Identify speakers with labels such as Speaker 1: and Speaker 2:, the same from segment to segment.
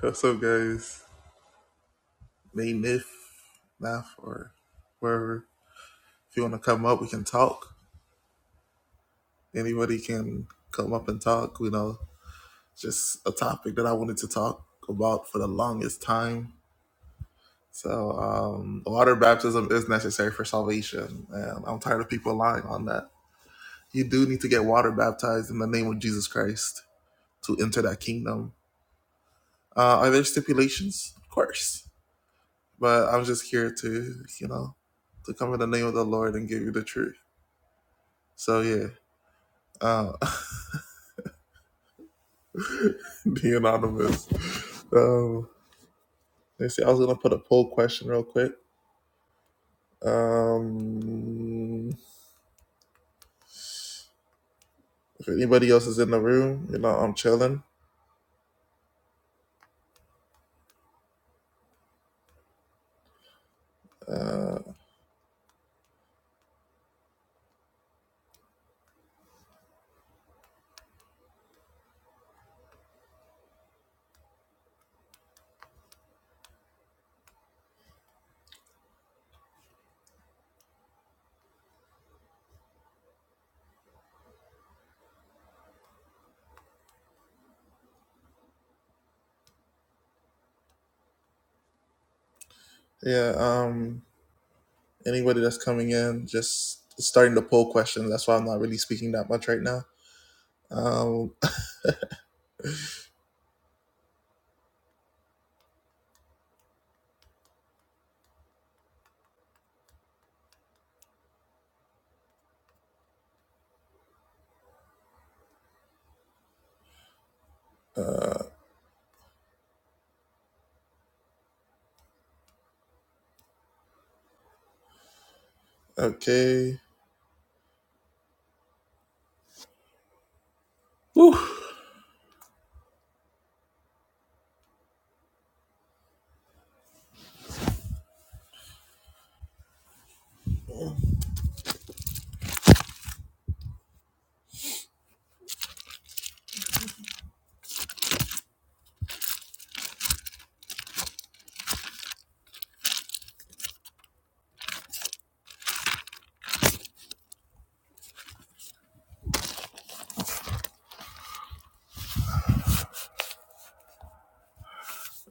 Speaker 1: What's up, guys? May Myth, Math, or wherever. If you want to come up, we can talk. Anybody can come up and talk. You know, just a topic that I wanted to talk about for the longest time. So, um, water baptism is necessary for salvation, and I'm tired of people lying on that. You do need to get water baptized in the name of Jesus Christ to enter that kingdom. Uh, are there stipulations? Of course, but I'm just here to, you know, to come in the name of the Lord and give you the truth. So yeah, uh, the anonymous. Um, let's see. I was gonna put a poll question real quick. Um, if anybody else is in the room, you know, I'm chilling. Uh, yeah. Um, anybody that's coming in, just starting the poll question. That's why I'm not really speaking that much right now. Um, okay. Whew.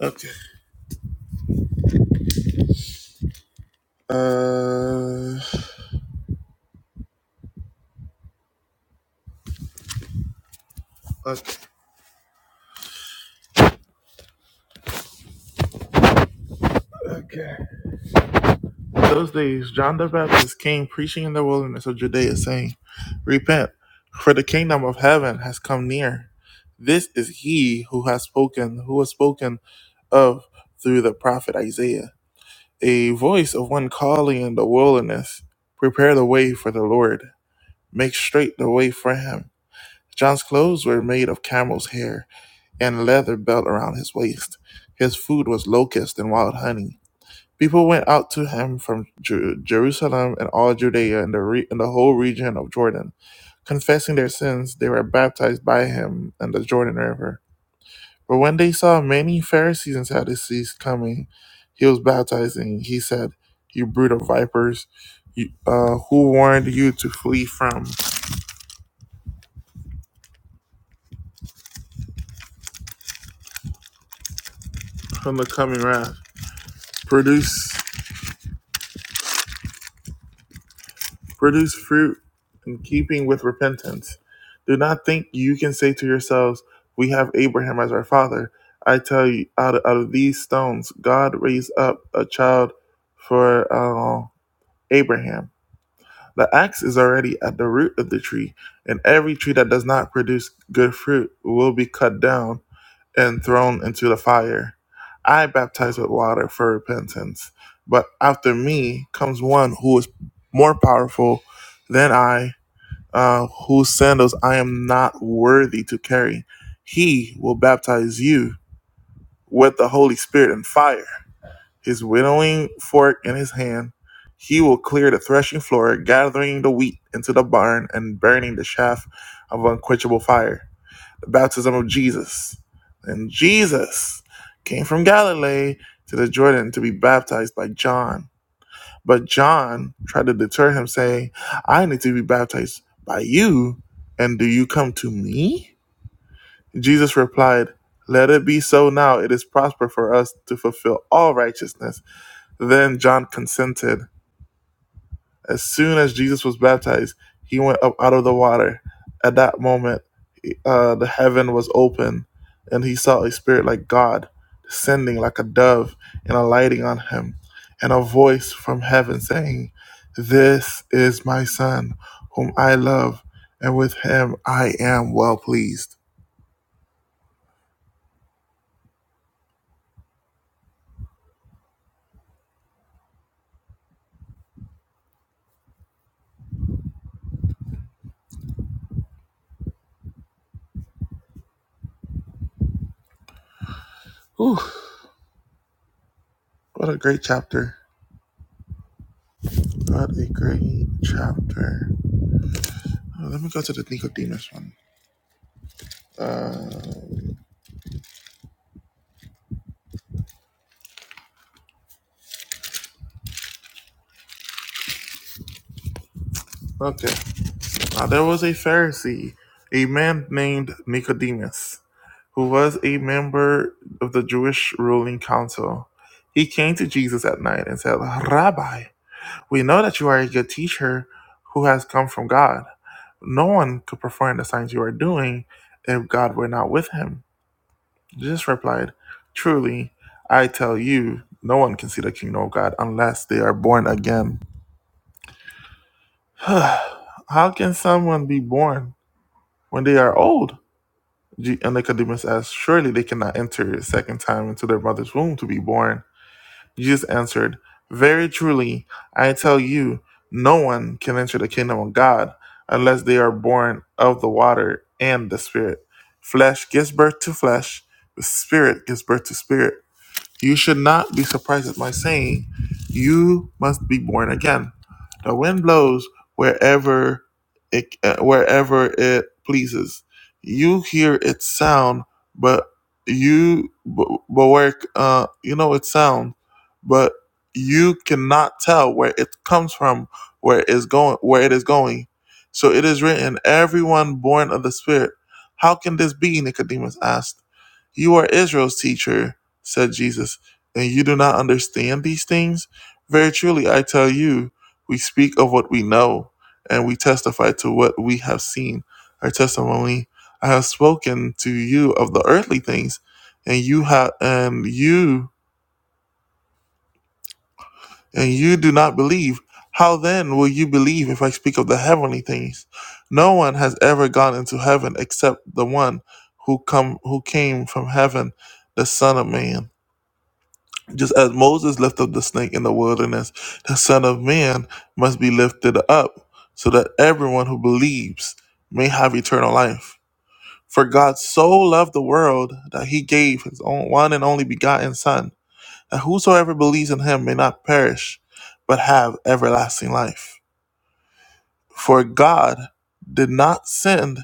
Speaker 1: Okay. Uh, okay. Okay. Those days John the Baptist came preaching in the wilderness of Judea, saying, Repent, for the kingdom of heaven has come near. This is he who has spoken, who was spoken of through the prophet Isaiah. A voice of one calling in the wilderness, Prepare the way for the Lord, make straight the way for him. John's clothes were made of camel's hair and leather belt around his waist. His food was locusts and wild honey. People went out to him from Ju- Jerusalem and all Judea and the, re- and the whole region of Jordan. Confessing their sins, they were baptized by him in the Jordan River. But when they saw many Pharisees and Sadducees coming, he was baptizing. He said, You brood of vipers, you, uh, who warned you to flee from, from the coming wrath? Produce produce fruit in keeping with repentance. Do not think you can say to yourselves, We have Abraham as our father. I tell you, out of, out of these stones, God raised up a child for uh, Abraham. The axe is already at the root of the tree, and every tree that does not produce good fruit will be cut down and thrown into the fire. I baptize with water for repentance, but after me comes one who is more powerful than I, uh, whose sandals I am not worthy to carry. He will baptize you with the Holy Spirit and fire. His winnowing fork in his hand, he will clear the threshing floor, gathering the wheat into the barn and burning the chaff of unquenchable fire the baptism of Jesus. And Jesus came from Galilee to the Jordan to be baptized by John. But John tried to deter him, saying, I need to be baptized by you, and do you come to me? Jesus replied, Let it be so now. It is prosper for us to fulfill all righteousness. Then John consented. As soon as Jesus was baptized, he went up out of the water. At that moment, uh, the heaven was open, and he saw a spirit like God descending like a dove and alighting on him, and a voice from heaven saying, This is my son, whom I love, and with him I am well pleased. Whew, what a great chapter! What a great chapter. Uh, let me go to the Nicodemus one. Uh, okay. Now there was a Pharisee, a man named Nicodemus, who was a member of the Jewish ruling council. He came to Jesus at night and said, Rabbi, we know that you are a good teacher who has come from God. No one could perform the signs you are doing if God were not with him. Jesus replied, Truly, I tell you, no one can see the kingdom of God unless they are born again. How can someone be born when they are old? G- and Nicodemus asked, Surely they cannot enter a second time into their mother's womb to be born. Jesus answered, Very truly, I tell you, no one can enter the kingdom of God unless they are born of the water and the Spirit. Flesh gives birth to flesh, the Spirit gives birth to spirit. You should not be surprised at my saying, You must be born again. The wind blows wherever it, uh, wherever it pleases. You hear its sound, but you but but where uh, you know its sound, but you cannot tell where it comes from, where it is going, where it is going. So it is written, "Everyone born of the Spirit." How can this be? Nicodemus asked. You are Israel's teacher said Jesus, and you do not understand these things? Very truly, I tell you, we speak of what we know, and we testify to what we have seen. Our testimony I have spoken to you of the earthly things, and you have and you and you do not believe. How then will you believe if I speak of the heavenly things? No one has ever gone into heaven except the one who come who came from heaven, the Son of Man. Just as Moses lifted up the snake in the wilderness, the Son of Man must be lifted up, so that everyone who believes may have eternal life. For God so loved the world that he gave his own one and only begotten Son, that whosoever believes in him may not perish, but have everlasting life. For God did not send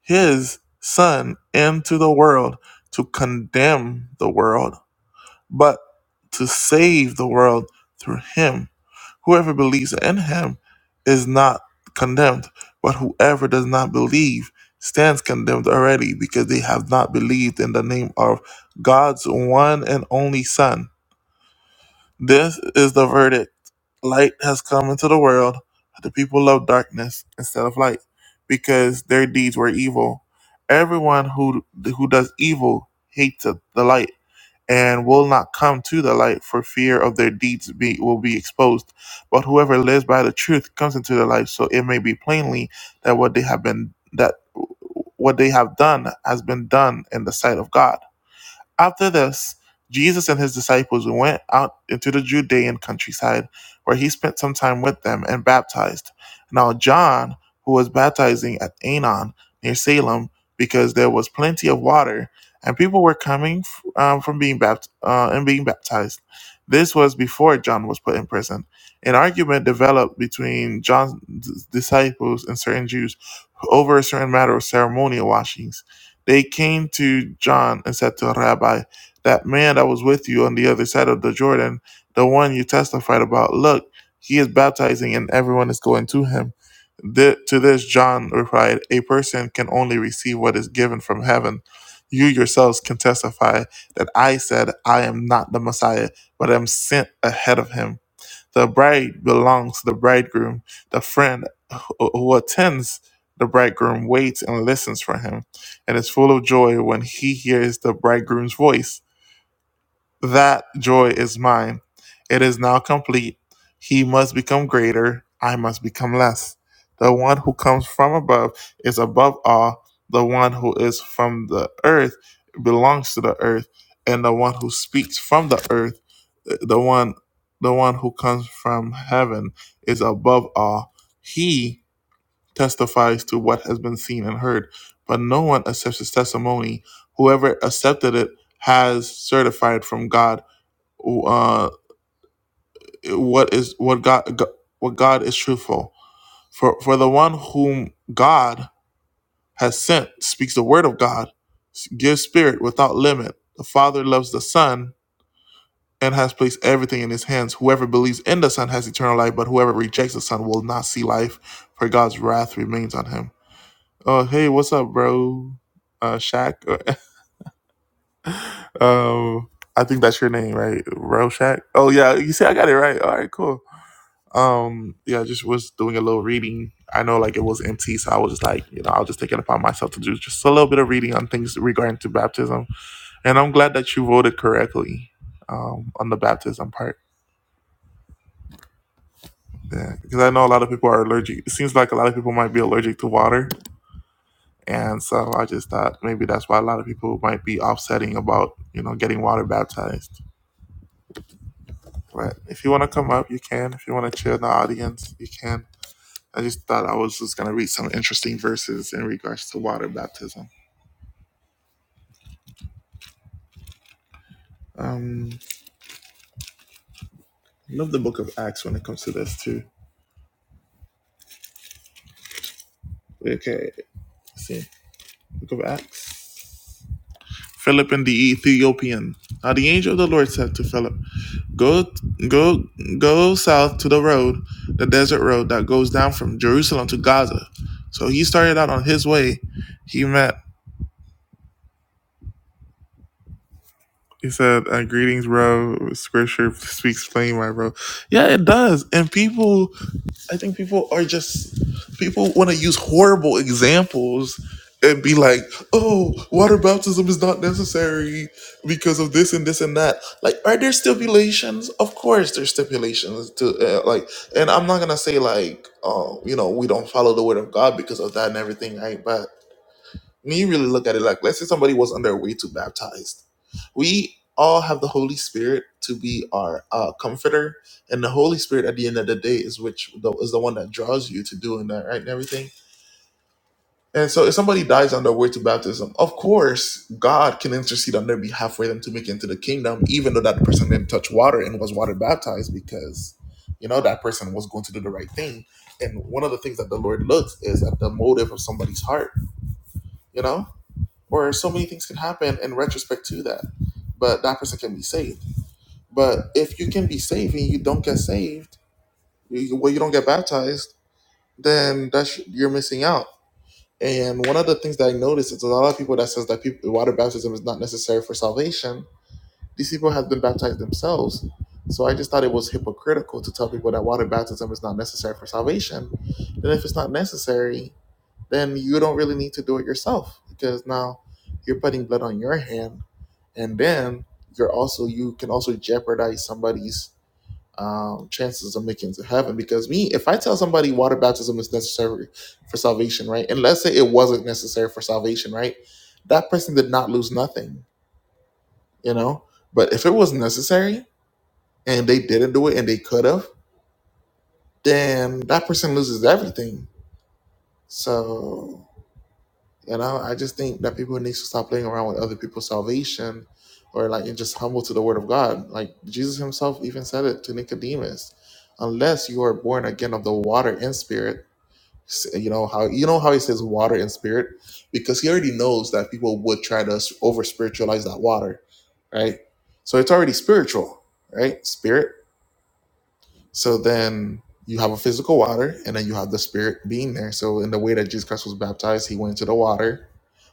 Speaker 1: his Son into the world to condemn the world but to save the world through him. Whoever believes in him is not condemned, but whoever does not believe stands condemned already because they have not believed in the name of God's one and only Son. This is the verdict. Light has come into the world, but the people love darkness instead of light because their deeds were evil. Everyone who who does evil hates the light and will not come to the light for fear of their deeds be, will be exposed. But whoever lives by the truth comes into the light, so it may be plainly that what they have been that what they have done has been done in the sight of God. After this, Jesus and his disciples went out into the Judean countryside, where he spent some time with them and baptized. Now, John, who was baptizing at Anon near Salem, because there was plenty of water, and people were coming um, from being bapt- uh, and being baptized. This was before John was put in prison. An argument developed between John's disciples and certain Jews over a certain matter of ceremonial washings. They came to John and said to Rabbi, That man that was with you on the other side of the Jordan, the one you testified about, look, he is baptizing and everyone is going to him. Th- to this, John replied, A person can only receive what is given from heaven. You yourselves can testify that I said, I am not the Messiah, but am sent ahead of him. The bride belongs to the bridegroom. The friend who who attends the bridegroom waits and listens for him and is full of joy when he hears the bridegroom's voice. That joy is mine. It is now complete. He must become greater. I must become less. The one who comes from above is above all. The one who is from the earth belongs to the earth. And the one who speaks from the earth, the one the one who comes from heaven is above all. He testifies to what has been seen and heard, but no one accepts his testimony. Whoever accepted it has certified from God uh, what is what God Go- what God is truthful. For for the one whom God has sent speaks the word of God, gives spirit without limit. The Father loves the Son and has placed everything in his hands. Whoever believes in the Son has eternal life, but whoever rejects the Son will not see life, for God's wrath remains on him. Oh hey, what's up, bro? Uh Shaq? um I think that's your name, right? Bro Shaq? Oh yeah, you see I got it right. All right, cool. Um, yeah, I just was doing a little reading. I know like it was empty, so I was just like, you know, I was just taking it upon myself to do just a little bit of reading on things regarding to baptism. And I'm glad that you voted correctly um, on the baptism part. Yeah, because I know a lot of people are allergic. It seems like a lot of people might be allergic to water, and so I just thought maybe that's why a lot of people might be offsetting about you know getting water baptized. But if you want to come up, you can. If you want to chill in the audience, you can. I just thought I was just going to read some interesting verses in regards to water baptism. Um, I love the book of Acts when it comes to this too. Okay, let's see. Book of Acts. Philip and the Ethiopian. Now the angel of the Lord said to Philip, Go, go, go south to the road, the desert road that goes down from Jerusalem to Gaza. So he started out on his way. He met. He said, uh, "Greetings, bro. Scripture speaks plain, my bro. Yeah, it does. And people I think people are just people want to use horrible examples and be like, "Oh, water baptism is not necessary because of this and this and that." Like, are there stipulations? Of course, there's stipulations to uh, like, and I'm not gonna say like, oh, you know, we don't follow the word of God because of that and everything, right? But me really look at it like let's say somebody was on their way to baptized we all have the holy spirit to be our uh, comforter and the holy spirit at the end of the day is which the, is the one that draws you to doing that right and everything and so if somebody dies on their way to baptism of course god can intercede on their behalf for them to make it into the kingdom even though that person didn't touch water and was water baptized because you know that person was going to do the right thing and one of the things that the lord looks is at the motive of somebody's heart you know or so many things can happen in retrospect to that. But that person can be saved. But if you can be saved and you don't get saved, you, well, you don't get baptized, then that's you're missing out. And one of the things that I noticed is a lot of people that says that people, water baptism is not necessary for salvation. These people have been baptized themselves. So I just thought it was hypocritical to tell people that water baptism is not necessary for salvation. Then if it's not necessary, then you don't really need to do it yourself because now you're putting blood on your hand and then you're also you can also jeopardize somebody's um, chances of making it to heaven because me if i tell somebody water baptism is necessary for salvation right and let's say it wasn't necessary for salvation right that person did not lose nothing you know but if it was necessary and they didn't do it and they could have then that person loses everything so And I, I just think that people need to stop playing around with other people's salvation or like and just humble to the word of God. Like Jesus himself even said it to Nicodemus. Unless you are born again of the water and spirit, s- you know how you know how he says water and spirit? Because he already knows that people would try to over spiritualize that water, right? So it's already spiritual, right? Spirit so then you have a physical water, and then you have the spirit being there. So in the way that Jesus Christ was baptized, he went into the water,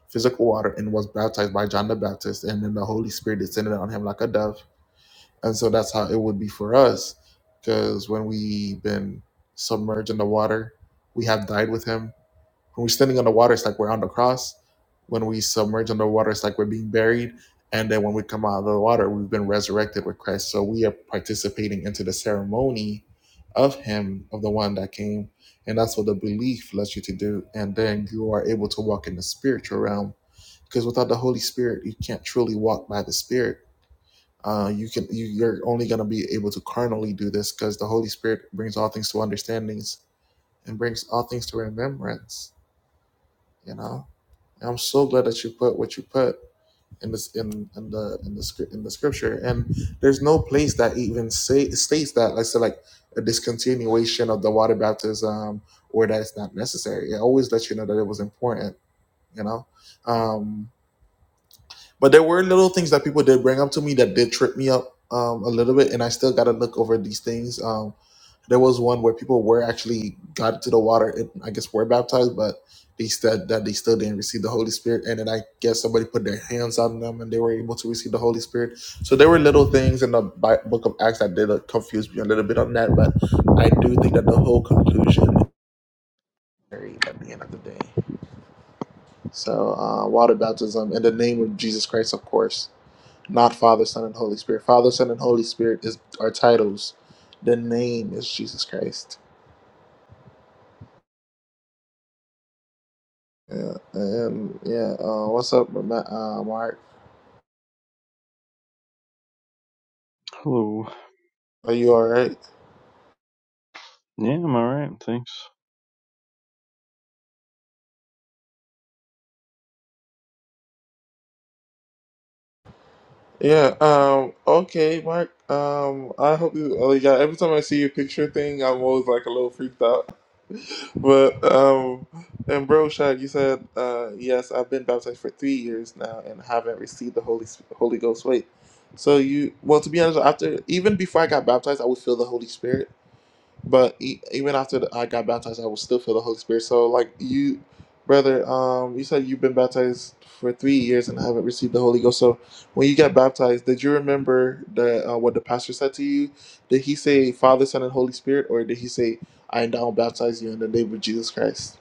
Speaker 1: physical water, and was baptized by John the Baptist, and then the Holy Spirit descended on him like a dove. And so that's how it would be for us, because when we've been submerged in the water, we have died with him when we're standing on the water, it's like we're on the cross. When we submerge under water, it's like we're being buried. And then when we come out of the water, we've been resurrected with Christ. So we are participating into the ceremony of Him, of the one that came. And that's what the belief lets you to do. And then you are able to walk in the spiritual realm. Because without the Holy Spirit, you can't truly walk by the Spirit. Uh, you can you, you're only going to be able to carnally do this because the Holy Spirit brings all things to understandings and brings all things to remembrance. You know. And I'm so glad that you put what you put in this in in the in the script in the scripture. And there's no place that even say states that like say like a discontinuation of the water baptism or that it's not necessary. It always lets you know that it was important, you know. Um, but there were little things that people did bring up to me that did trip me up um, a little bit, and I still got to look over these things um, there was one where people were actually got into the water and I guess were baptized, but they said that they still didn't receive the Holy Spirit. And then I guess somebody put their hands on them and they were able to receive the Holy Spirit. So there were little things in the Bi- book of Acts that did uh, confuse me a little bit on that, but I do think that the whole conclusion is very at the end of the day. So uh, water baptism in the name of Jesus Christ, of course, not Father, Son, and Holy Spirit. Father, Son, and Holy Spirit is our titles. The name is Jesus Christ. Yeah, um, yeah. Uh, what's up, Ma- uh, Mark?
Speaker 2: Hello.
Speaker 1: Are you all right?
Speaker 2: Yeah, I'm all right. Thanks.
Speaker 1: Yeah. Um. Okay, Mark. Um. I hope you. Oh, yeah. every time I see your picture thing, I'm always like a little freaked out. But um, and bro, Shad, you said uh, yes. I've been baptized for three years now and haven't received the Holy Sp- Holy Ghost. Wait. So you well, to be honest, after even before I got baptized, I would feel the Holy Spirit. But e- even after the, I got baptized, I was still filled with the Holy Spirit. So, like you, brother, um, you said you've been baptized for three years and haven't received the Holy Ghost. So, when you got baptized, did you remember the uh, what the pastor said to you? Did he say Father, Son, and Holy Spirit, or did he say I now baptize you in the name of Jesus Christ?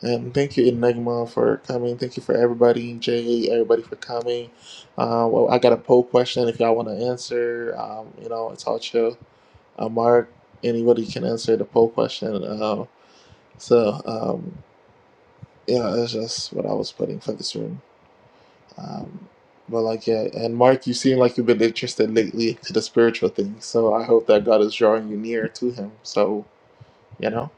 Speaker 1: And thank you, Enigma, for coming. Thank you for everybody, Jay, everybody for coming. Uh, well, I got a poll question if y'all want to answer. Um, you know, it's all chill uh, Mark, anybody can answer the poll question. Uh, so um, yeah, that's just what I was putting for this room. Um, but like yeah, and Mark, you seem like you've been interested lately to the spiritual thing. So I hope that God is drawing you near to Him. So you know.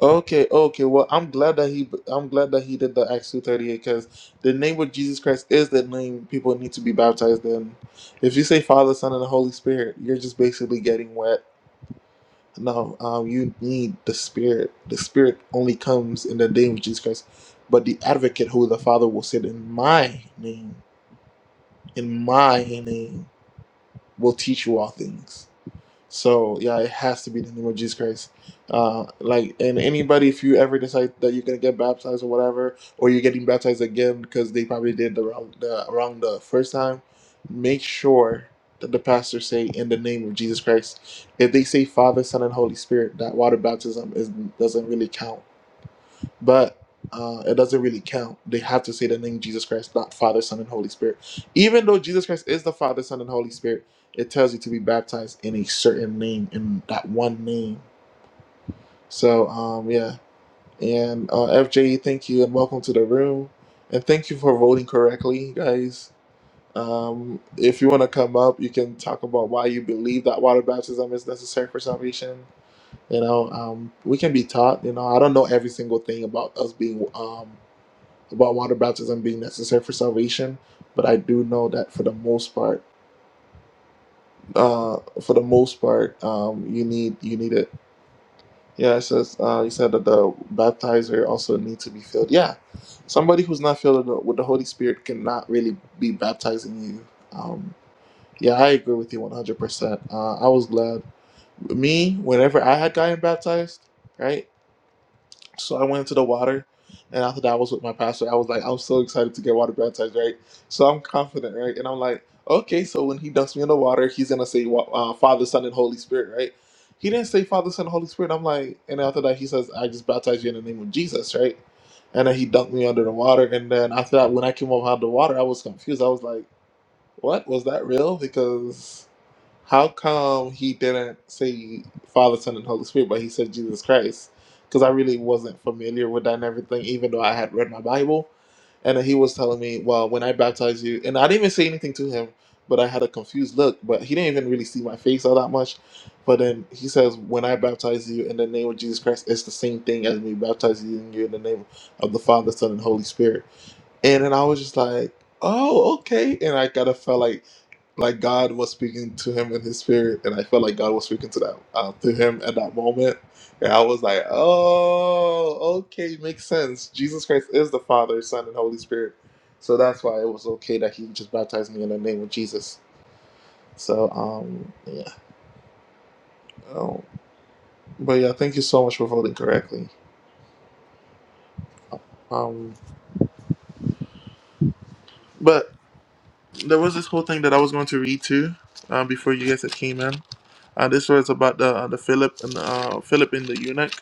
Speaker 1: Okay, okay. Well, I'm glad that he, I'm glad that he did the Acts two thirty eight because the name of Jesus Christ is the name people need to be baptized in. If you say Father, Son, and the Holy Spirit, you're just basically getting wet No, um, you need the Spirit. The Spirit only comes in the name of Jesus Christ. But the Advocate, who the Father will send in my name, in my name, will teach you all things. So yeah, it has to be the name of Jesus Christ. Uh, like, and anybody, if you ever decide that you're gonna get baptized or whatever, or you're getting baptized again because they probably did the wrong the wrong the first time, make sure that the pastor say in the name of Jesus Christ. If they say Father, Son, and Holy Spirit, that water baptism is doesn't really count but uh, it doesn't really count. They have to say the name Jesus Christ, not Father, Son, and Holy Spirit. Even though Jesus Christ is the Father, Son, and Holy Spirit, it tells you to be baptized in a certain name, in that one name. So, um, yeah. And uh, FJ, thank you and welcome to the room. And thank you for voting correctly, guys. Um, if you want to come up, you can talk about why you believe that water baptism is necessary for salvation. You know, um, we can be taught. You know, I don't know every single thing about us being um, about water baptism being necessary for salvation, but I do know that for the most part, uh, for the most part, um, you need you need it. Yeah, it says uh, you said that the baptizer also needs to be filled. Yeah, somebody who's not filled with the with the Holy Spirit cannot really be baptizing you. Um, yeah, I agree with you one hundred percent. Uh, I was glad me whenever I had gotten baptized, right? So I went into the water, and after that, I was with my pastor. I was like, I'm so excited to get water baptized, right? So I'm confident, right? And I'm like, okay, so when he dumps me in the water, he's gonna say wa- uh, Father, Son, and Holy Spirit, right? He didn't say Father, Son, Holy Spirit. I'm like, and after that, he says, I just baptize you in the name of Jesus, right? And then he dunked me under the water, and then after that, when I came up out of the water, I was confused. I was like, what was that real? Because how come he didn't say Father, Son, and Holy Spirit, but he said Jesus Christ? Because I really wasn't familiar with that and everything, even though I had read my Bible. And then he was telling me, well, when I baptize you, and I didn't even say anything to him, but I had a confused look, but he didn't even really see my face all that much. But then he says, when I baptize you in the name of Jesus Christ, it's the same thing as me baptizing you in you in the name of the Father, Son, and Holy Spirit. And then I was just like, oh, okay. And I kind of felt like, like God was speaking to him in his spirit, and I felt like God was speaking to that uh, to him at that moment, and I was like, "Oh, okay, makes sense. Jesus Christ is the Father, Son, and Holy Spirit, so that's why it was okay that He just baptized me in the name of Jesus." So, um, yeah, oh, but yeah, thank you so much for voting correctly. Um, but there was this whole thing that I was going to read too uh, before you guys had came in. Uh, this was about the uh, the Philip and uh, Philip and the eunuch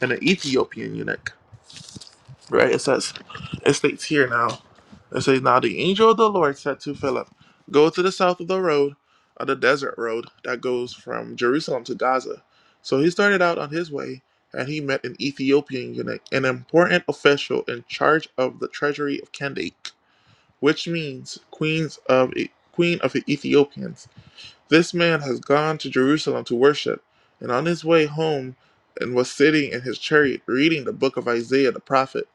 Speaker 1: and the Ethiopian eunuch. right? It says, it states here now, it says, Now the angel of the Lord said to Philip, Go to the south of the road, of the desert road that goes from Jerusalem to Gaza. So he started out on his way, and he met an Ethiopian eunuch, an important official in charge of the treasury of Kandake, which means queens of E, queen of the Ethiopians. This man has gone to Jerusalem to worship, and on his way home and was sitting in his chariot reading the book of Isaiah the prophet.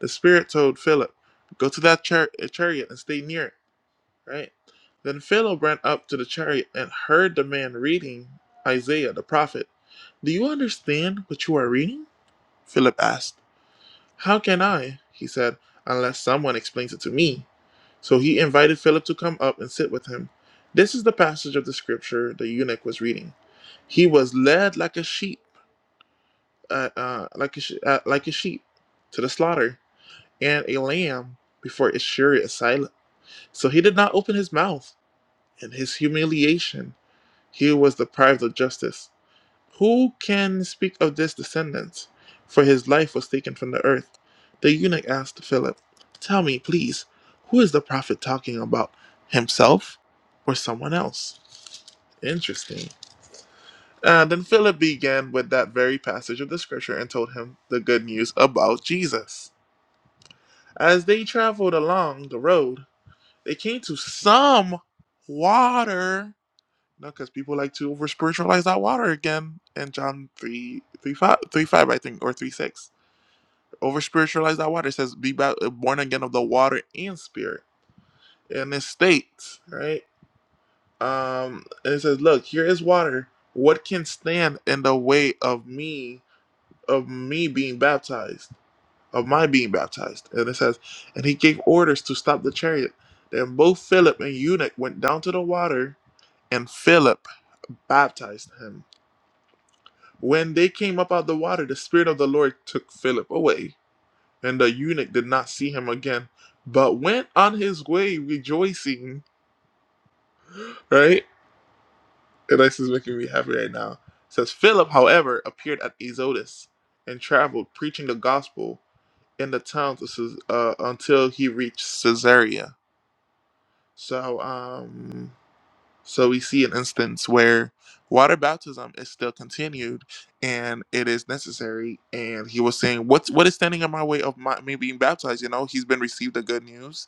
Speaker 1: The Spirit told Philip, Go to that char- uh, chariot and stay near it, right? Then Philip ran up to the chariot and heard the man reading Isaiah the prophet. Do you understand what you are reading? Philip asked. How can I, he said, unless someone explains it to me? So he invited Philip to come up and sit with him. This is the passage of the scripture the eunuch was reading. He was led like a sheep, uh, uh, like a uh, like a sheep, to the slaughter, and a lamb before its shearer is silent. So he did not open his mouth. In his humiliation, he was deprived of justice. Who can speak of this descendant? For his life was taken from the earth. The eunuch asked Philip, Tell me, please, who is the prophet talking about? Himself or someone else? Interesting. And then Philip began with that very passage of the scripture and told him the good news about Jesus. As they traveled along the road, they came to some water No, because people like to over spiritualize that water again in John 3 3 5 3 5, I think, or 3 6. Over spiritualize that water. It says, be ba- born again of the water and spirit. And it states, right? Um, and it says, look, here is water. What can stand in the way of me, of me being baptized, of my being baptized? And it says, and he gave orders to stop the chariot. Then both Philip and eunuch went down to the water, and Philip baptized him. When they came up out of the water, the Spirit of the Lord took Philip away, and the eunuch did not see him again, but went on his way rejoicing. Right? And this is making me happy right now. It says Philip, however, appeared at Azotus and traveled, preaching the gospel in the towns uh, until he reached Caesarea. So, um, So we see an instance where water baptism is still continued and it is necessary. And he was saying, What's what is standing in my way of my, me being baptized? You know, he's been received the good news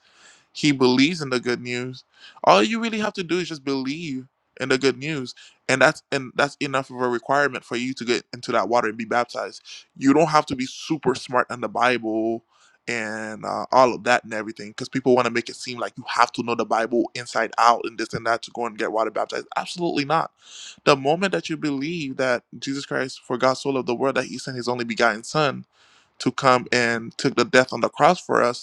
Speaker 1: he believes in the good news. All you really have to do is just believe in the good news, and that's and that's enough of a requirement for you to get into that water and be baptized. You don't have to be super smart on the Bible and uh, all of that and everything, because people want to make it seem like you have to know the Bible inside out and this and that to go and get water baptized. Absolutely not. The moment that you believe that Jesus Christ, for God so loved the world that He sent His only begotten Son to come and took the death on the cross for us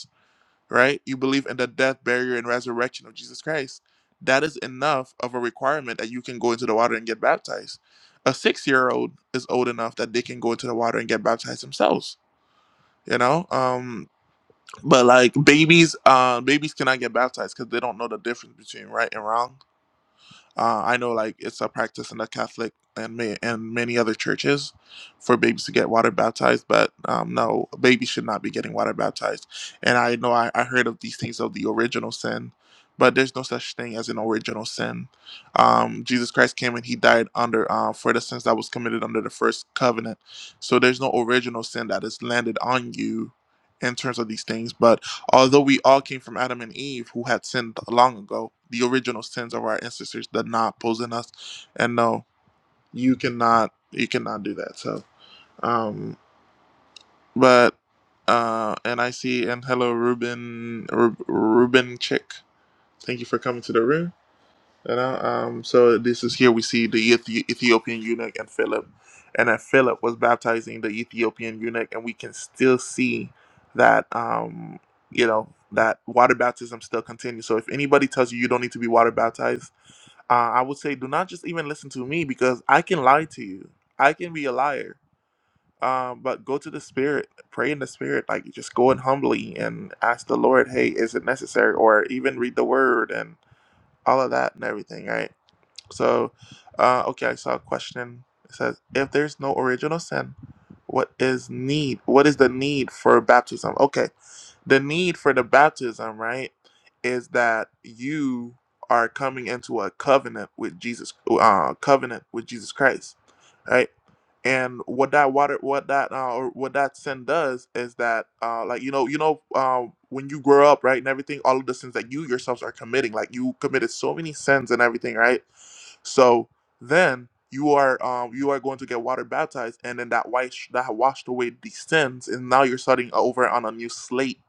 Speaker 1: right? You believe in the death, burial, and resurrection of Jesus Christ. That is enough of a requirement that you can go into the water and get baptized. A six year old is old enough that they can go into the water and get baptized themselves. You know, um, but like babies, uh, babies cannot get baptized because they don't know the difference between right and wrong uh, I know like it's a practice in the Catholic and ma- and many other churches for babies to get water baptized, but um, no, babies should not be getting water baptized. And I know I, I heard of these things of the original sin, but there's no such thing as an original sin. Um, Jesus Christ came and he died under uh, for the sins that was committed under the first covenant. So there's no original sin that is landed on you in terms of these things, but Although we all came from Adam and Eve, who had sinned long ago, the original sins of our ancestors did not poison us. And no, you cannot, you cannot do that. So, um, but, uh, and I see, and hello, Ruben, Rub Ruben Chick. Thank you for coming to the room. You know, um, so this is here we see the Ethi- Ethiopian eunuch and Philip, and that Philip was baptizing the Ethiopian eunuch, and we can still see that um, you know that water baptism still continues. So if anybody tells you you don't need to be water baptized, uh, I would say do not just even listen to me because I can lie to you. I can be a liar. Um, but go to the spirit, pray in the spirit, like just go in humbly and ask the Lord, hey, is it necessary? Or even read the word and all of that and everything, right? So, uh, okay, I saw a question. It says, if there's no original sin, what is need? What is the need for baptism? Okay, the need for the baptism, right, is that you are coming into a covenant with Jesus, uh, covenant with Jesus Christ, right? And what that water, what that uh, or what that sin does is that, uh, like you know, you know, uh, when you grow up, right, and everything, all of the sins that you yourselves are committing, like you committed so many sins and everything, right? So then you are, um, you are going to get water baptized, and then that wash that washed away these sins, and now you're starting over on a new slate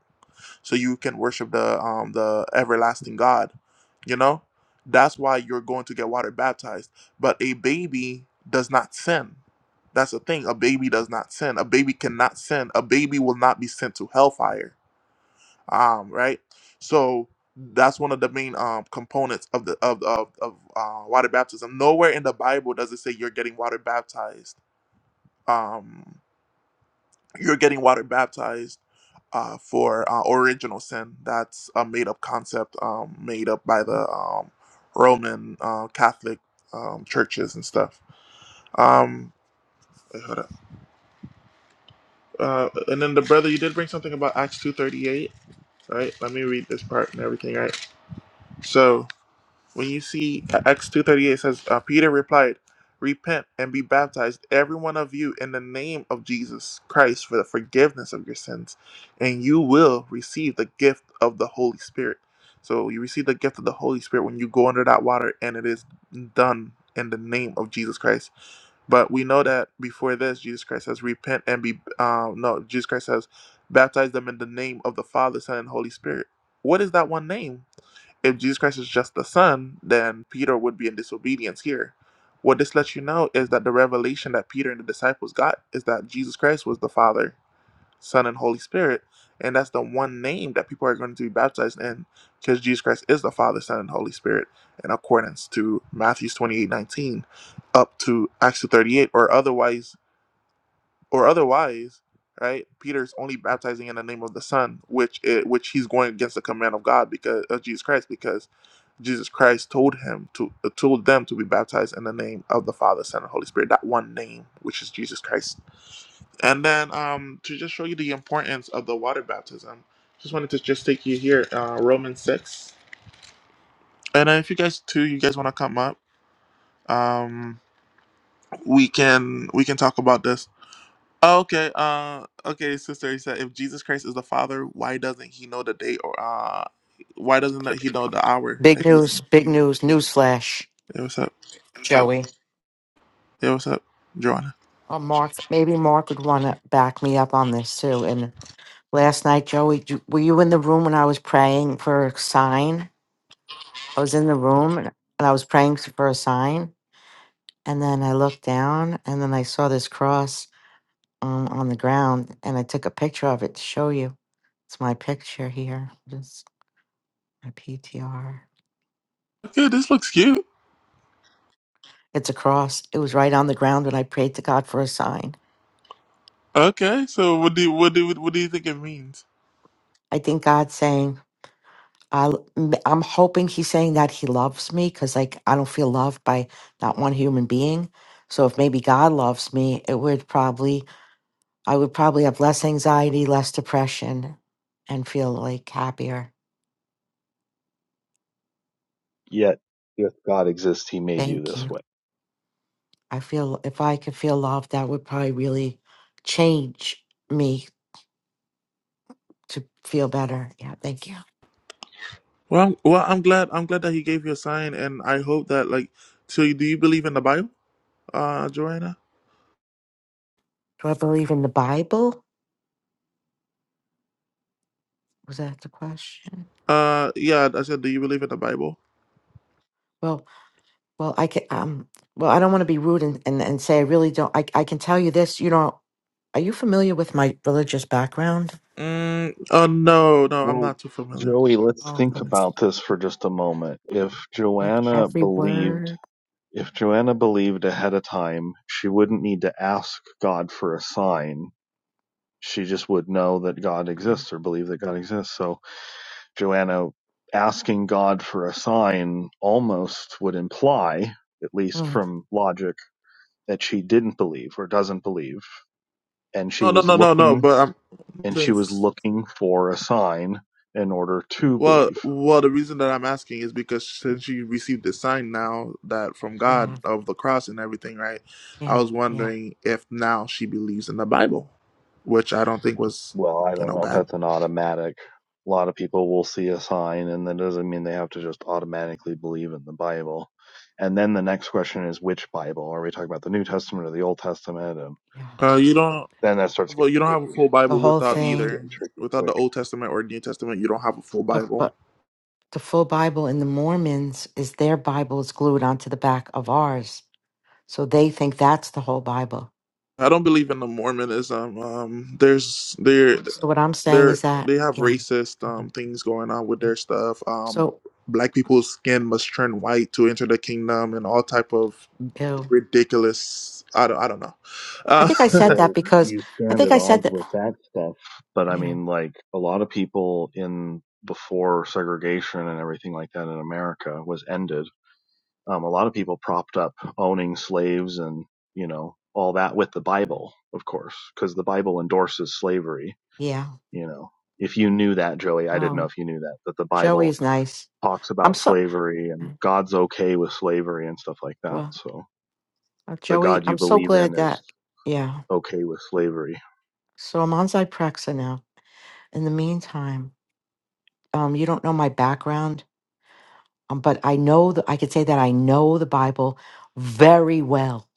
Speaker 1: so you can worship the um the everlasting God. You know, that's why you're going to get water baptized. But a baby does not sin. That's the thing. A baby does not sin. A baby cannot sin. A baby will not be sent to hellfire. Um, right. So that's one of the main um components of the of of, of uh, water baptism. Nowhere in the Bible does it say you're getting water baptized. Um, you're getting water baptized uh, for uh, original sin. That's a made up concept um, made up by the um, Roman uh, Catholic um, churches and stuff. Um, wait, hold up. Uh, and then the brother, you did bring something about Acts two thirty eight, right? Let me read this part and everything, right? So. When you see uh, Acts 2.38 says, uh, Peter replied, Repent and be baptized, every one of you, in the name of Jesus Christ for the forgiveness of your sins, and you will receive the gift of the Holy Spirit. So you receive the gift of the Holy Spirit when you go under that water, and it is done in the name of Jesus Christ. But we know that before this, Jesus Christ says, "Repent and be." Uh, no, Jesus Christ says, "Baptize them in the name of the Father, Son, and Holy Spirit." What is that one name? If Jesus Christ is just the Son, then Peter would be in disobedience here. What this lets you know is that the revelation that Peter and the disciples got is that Jesus Christ was the Father, Son, and Holy Spirit, and that's the one name that people are going to be baptized in because Jesus Christ is the Father, Son, and Holy Spirit in accordance to Matthew's 28, 19, up to Acts two 38, or otherwise, or otherwise, right? Peter's only baptizing in the name of the Son, which it, which he's going against the command of God because of Jesus Christ, because Jesus Christ told him to uh, told them to be baptized in the name of the Father, Son, and Holy Spirit. That one name, which is Jesus Christ. And then um, to just show you the importance of the water baptism, just wanted to just take you here, uh, Romans six. And then if you guys too, you guys want to come up, um, we can we can talk about this. Oh, okay, uh, okay, sister. He said, if Jesus Christ is the Father, why doesn't he know the day or uh, why doesn't he know the hour that
Speaker 3: Big
Speaker 1: he is?
Speaker 3: news,
Speaker 1: coming?
Speaker 3: big news, newsflash,
Speaker 1: Hey, what's up?
Speaker 3: Joey.
Speaker 1: Hey, what's up, Joanna?
Speaker 3: Oh, Mark, maybe Mark would want to back me up on this too. And last night, Joey, d- were you in the room when I was praying for a sign? I was in the room and I was praying s- for a sign. And then I looked down and then I saw this cross um, on the ground and I took a picture of it to show you. It's my picture here. Just my PTR.
Speaker 1: Okay, this looks cute.
Speaker 3: It's a cross. It was right on the ground when I prayed to God for a sign.
Speaker 1: Okay, so what do you, what do what do you think it means?
Speaker 3: I think God's saying, I, I'm hoping he's saying that he loves me because, like, I don't feel loved by not one human being. So if maybe God loves me, it would probably, I would probably have less anxiety, less depression, and feel like happier.
Speaker 2: Yet, if God exists, He made you
Speaker 3: Thank
Speaker 2: this
Speaker 3: you.
Speaker 2: way.
Speaker 3: I feel if I could feel loved, that would probably really change me to feel better. Yeah, thank you.
Speaker 1: Well, I'm, well, I'm glad I'm glad that he gave you a sign, and I hope that like. So, you- do you believe in the Bible, uh, Joanna?
Speaker 3: Do I believe in the Bible? Was that the question?
Speaker 1: Uh, yeah, I said, do you believe in the Bible?
Speaker 3: Well. Well, I can, um, well, I don't want to be rude and, and, and say I really don't. I, I can tell you this, you know, are you familiar with my religious background?
Speaker 1: Mm, oh no, no, I'm
Speaker 2: Well,
Speaker 1: not too familiar.
Speaker 2: Joey, let's
Speaker 3: Oh,
Speaker 2: think
Speaker 3: from s-
Speaker 2: about this for just a moment. If
Speaker 3: like
Speaker 2: Joanna
Speaker 3: every
Speaker 2: believed,
Speaker 3: word.
Speaker 2: if Joanna believed ahead of time, she wouldn't need to ask God for a sign. She just would know that God
Speaker 3: Yeah.
Speaker 2: exists or believe that God exists. So, Joanna asking God for a sign almost would imply, at least
Speaker 3: Mm,
Speaker 2: from logic, that she didn't believe or doesn't believe. And she
Speaker 1: No, no,
Speaker 2: was
Speaker 1: no, no, no.
Speaker 2: looking
Speaker 1: But I'm
Speaker 2: and she was
Speaker 1: saying.
Speaker 2: looking for a sign in order to
Speaker 1: Well,
Speaker 2: believe.
Speaker 1: well, the reason that I'm asking is because since you received the sign now that from God
Speaker 3: yeah.
Speaker 1: of the cross and everything, right? I
Speaker 3: Yeah.
Speaker 1: was
Speaker 3: Yeah.
Speaker 1: wondering if now she believes in the Bible, which I don't think was,
Speaker 2: Well, I
Speaker 1: you
Speaker 2: don't
Speaker 1: know,
Speaker 2: know if
Speaker 1: bad.
Speaker 2: that's an automatic. A lot of people will see a sign, and that doesn't mean they have to just automatically believe in the Bible. And then the next question is which Bible? Are we talking about the New Testament or the Old Testament? And
Speaker 3: Yeah.
Speaker 1: Uh, you don't,
Speaker 2: then that starts
Speaker 1: well,
Speaker 2: getting
Speaker 1: you don't have a
Speaker 2: tricky.
Speaker 1: full
Speaker 3: The
Speaker 1: Bible
Speaker 3: whole
Speaker 1: without
Speaker 2: That starts
Speaker 3: thing.
Speaker 1: either,
Speaker 2: getting tricky
Speaker 1: without the
Speaker 2: quick.
Speaker 1: Old Testament or New Testament. You don't have a full
Speaker 3: But,
Speaker 1: Bible.
Speaker 3: but the full Bible in the Mormons is their Bible is glued onto the back of ours. So they think that's the whole Bible.
Speaker 1: I don't believe in the Mormonism. Um, there's there
Speaker 3: So what I'm saying
Speaker 1: there
Speaker 3: is that,
Speaker 1: they have
Speaker 3: yeah.
Speaker 1: racist um
Speaker 3: Mhm.
Speaker 1: things going on with their stuff. Um,
Speaker 3: So,
Speaker 1: black people's skin must turn white to enter the kingdom, and all type of
Speaker 3: ew.
Speaker 1: ridiculous. I don't I don't know.
Speaker 3: I
Speaker 1: Uh,
Speaker 3: think I said that
Speaker 2: Well,
Speaker 3: because
Speaker 2: you
Speaker 3: I
Speaker 2: stand
Speaker 3: think
Speaker 2: at
Speaker 3: I said
Speaker 2: odds
Speaker 3: that.
Speaker 2: with that stuff. But I
Speaker 3: Yeah.
Speaker 2: mean, like a lot of people in before segregation and everything like that in America was ended Um, a lot of people propped up owning slaves and you know all that with the Bible, of course, because the Bible endorses slavery.
Speaker 3: Yeah.
Speaker 2: You know, if you knew that, Joey, I didn't know
Speaker 3: Um,
Speaker 2: if you knew that that the
Speaker 3: Joey
Speaker 2: Bible
Speaker 3: is nice.
Speaker 2: talks
Speaker 3: I'm
Speaker 2: about
Speaker 3: so
Speaker 2: slavery and God's okay with slavery and stuff like that.
Speaker 3: well,
Speaker 2: So
Speaker 3: uh,
Speaker 2: the
Speaker 3: Joey.
Speaker 2: God you
Speaker 3: I'm so
Speaker 2: believe
Speaker 3: glad
Speaker 2: in is
Speaker 3: that yeah.
Speaker 2: okay with slavery.
Speaker 3: So I'm on Zyprexa now. In the meantime, um, you don't know my background, um, but I know that I could say that I know the Bible very well,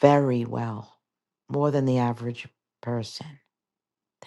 Speaker 3: very well, more than the average person.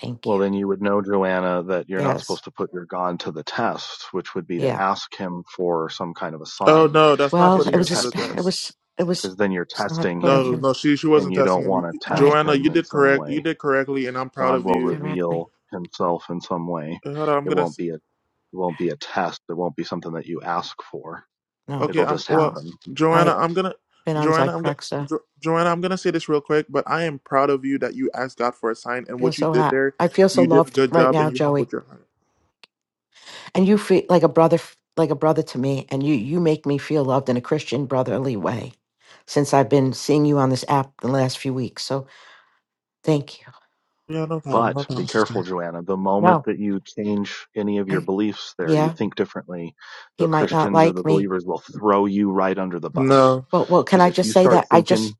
Speaker 3: Thank you.
Speaker 2: Well, then you would know, Joanna, that you're not
Speaker 3: Yes.
Speaker 2: supposed to put your God to the test, which would be to
Speaker 3: Yeah.
Speaker 2: ask him for some kind of a
Speaker 1: oh
Speaker 2: sign
Speaker 1: no, that's not
Speaker 3: Well,
Speaker 2: because
Speaker 1: putting
Speaker 3: it
Speaker 2: you're
Speaker 1: him
Speaker 3: was a.
Speaker 1: to the
Speaker 3: Sp-
Speaker 2: testing,
Speaker 3: it
Speaker 1: test.
Speaker 3: was. It was.
Speaker 2: because then you're
Speaker 3: It's not
Speaker 2: testing
Speaker 3: putting
Speaker 2: him
Speaker 1: No,
Speaker 3: him.
Speaker 1: no, she she
Speaker 2: and
Speaker 1: wasn't
Speaker 2: you
Speaker 1: testing
Speaker 2: don't
Speaker 1: him.
Speaker 2: want to
Speaker 3: I
Speaker 2: test
Speaker 1: Joanna,
Speaker 2: him
Speaker 1: you
Speaker 2: in
Speaker 1: did
Speaker 2: some
Speaker 1: correct. You
Speaker 2: way.
Speaker 1: did correctly, and I'm proud
Speaker 2: God
Speaker 1: of
Speaker 2: will
Speaker 1: you.
Speaker 3: correctly.
Speaker 2: reveal himself in some way.
Speaker 1: Uh, Hold on, I'm
Speaker 2: It
Speaker 1: gonna.
Speaker 2: won't be a it won't be a test. It won't be something that you ask for.
Speaker 3: No.
Speaker 1: Okay,
Speaker 2: It'll
Speaker 1: I'm
Speaker 2: just
Speaker 1: well,
Speaker 3: Well,
Speaker 2: happen.
Speaker 3: I have
Speaker 1: Joanna. I'm gonna,
Speaker 3: been on
Speaker 1: Joanna. I'm gonna,
Speaker 3: Zyprexa
Speaker 1: jo- Joanna. I'm gonna say this real quick, but I am proud of you that you asked God for a sign, and
Speaker 3: feel
Speaker 1: what you
Speaker 3: so
Speaker 1: did
Speaker 3: happy.
Speaker 1: there,
Speaker 3: I feel so
Speaker 1: you did a
Speaker 3: loved
Speaker 1: good
Speaker 3: right
Speaker 1: job, and
Speaker 3: now,
Speaker 1: you
Speaker 3: Joey.
Speaker 1: humbled your heart.
Speaker 3: And you feel like a brother, like a brother to me. And you, you make me feel loved in a Christian brotherly way since I've been seeing you on this app the last few weeks. So thank you.
Speaker 1: Yeah, no problem, no
Speaker 2: But be
Speaker 1: problem,
Speaker 2: careful,
Speaker 1: sister.
Speaker 2: Joanna. The moment
Speaker 3: No,
Speaker 2: that you change any of your
Speaker 3: I,
Speaker 2: beliefs there, you
Speaker 3: yeah,
Speaker 2: think differently,
Speaker 3: he
Speaker 2: the
Speaker 3: might not
Speaker 2: Christians or the
Speaker 3: like me.
Speaker 2: believers will throw you right under the bus.
Speaker 1: No,
Speaker 3: Well, well, can
Speaker 2: Because
Speaker 3: I
Speaker 2: if
Speaker 3: just
Speaker 2: you
Speaker 3: say
Speaker 2: start
Speaker 3: that I just,
Speaker 2: thinking,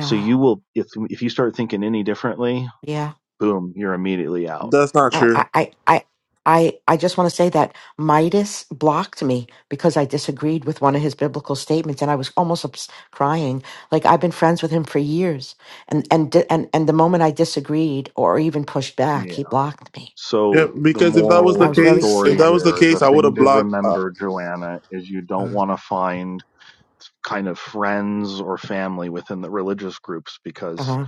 Speaker 2: so you will, if, if you start thinking any differently,
Speaker 3: yeah.
Speaker 2: boom, you're immediately out.
Speaker 1: that's not
Speaker 3: Uh,
Speaker 2: Yeah.
Speaker 3: I,
Speaker 1: true.
Speaker 3: I, I, I I just want to say that Midas blocked me because I disagreed with one of his biblical statements, and I was almost ups- crying. Like I've been friends with him for years, and and di- and and the moment I disagreed or even pushed back, he blocked me,
Speaker 1: Yeah,
Speaker 2: So the
Speaker 1: because if that was
Speaker 3: and
Speaker 2: moral
Speaker 3: I
Speaker 1: the
Speaker 2: of
Speaker 3: was
Speaker 2: the
Speaker 3: very
Speaker 1: case, if
Speaker 2: story
Speaker 1: that
Speaker 3: sad.
Speaker 1: was the
Speaker 2: here, the
Speaker 1: case, I would
Speaker 2: thing
Speaker 1: have
Speaker 2: to
Speaker 1: blocked.
Speaker 2: remember, Joanna, is you don't
Speaker 1: Uh,
Speaker 2: want to find kind of friends or family within the religious groups because
Speaker 3: Uh,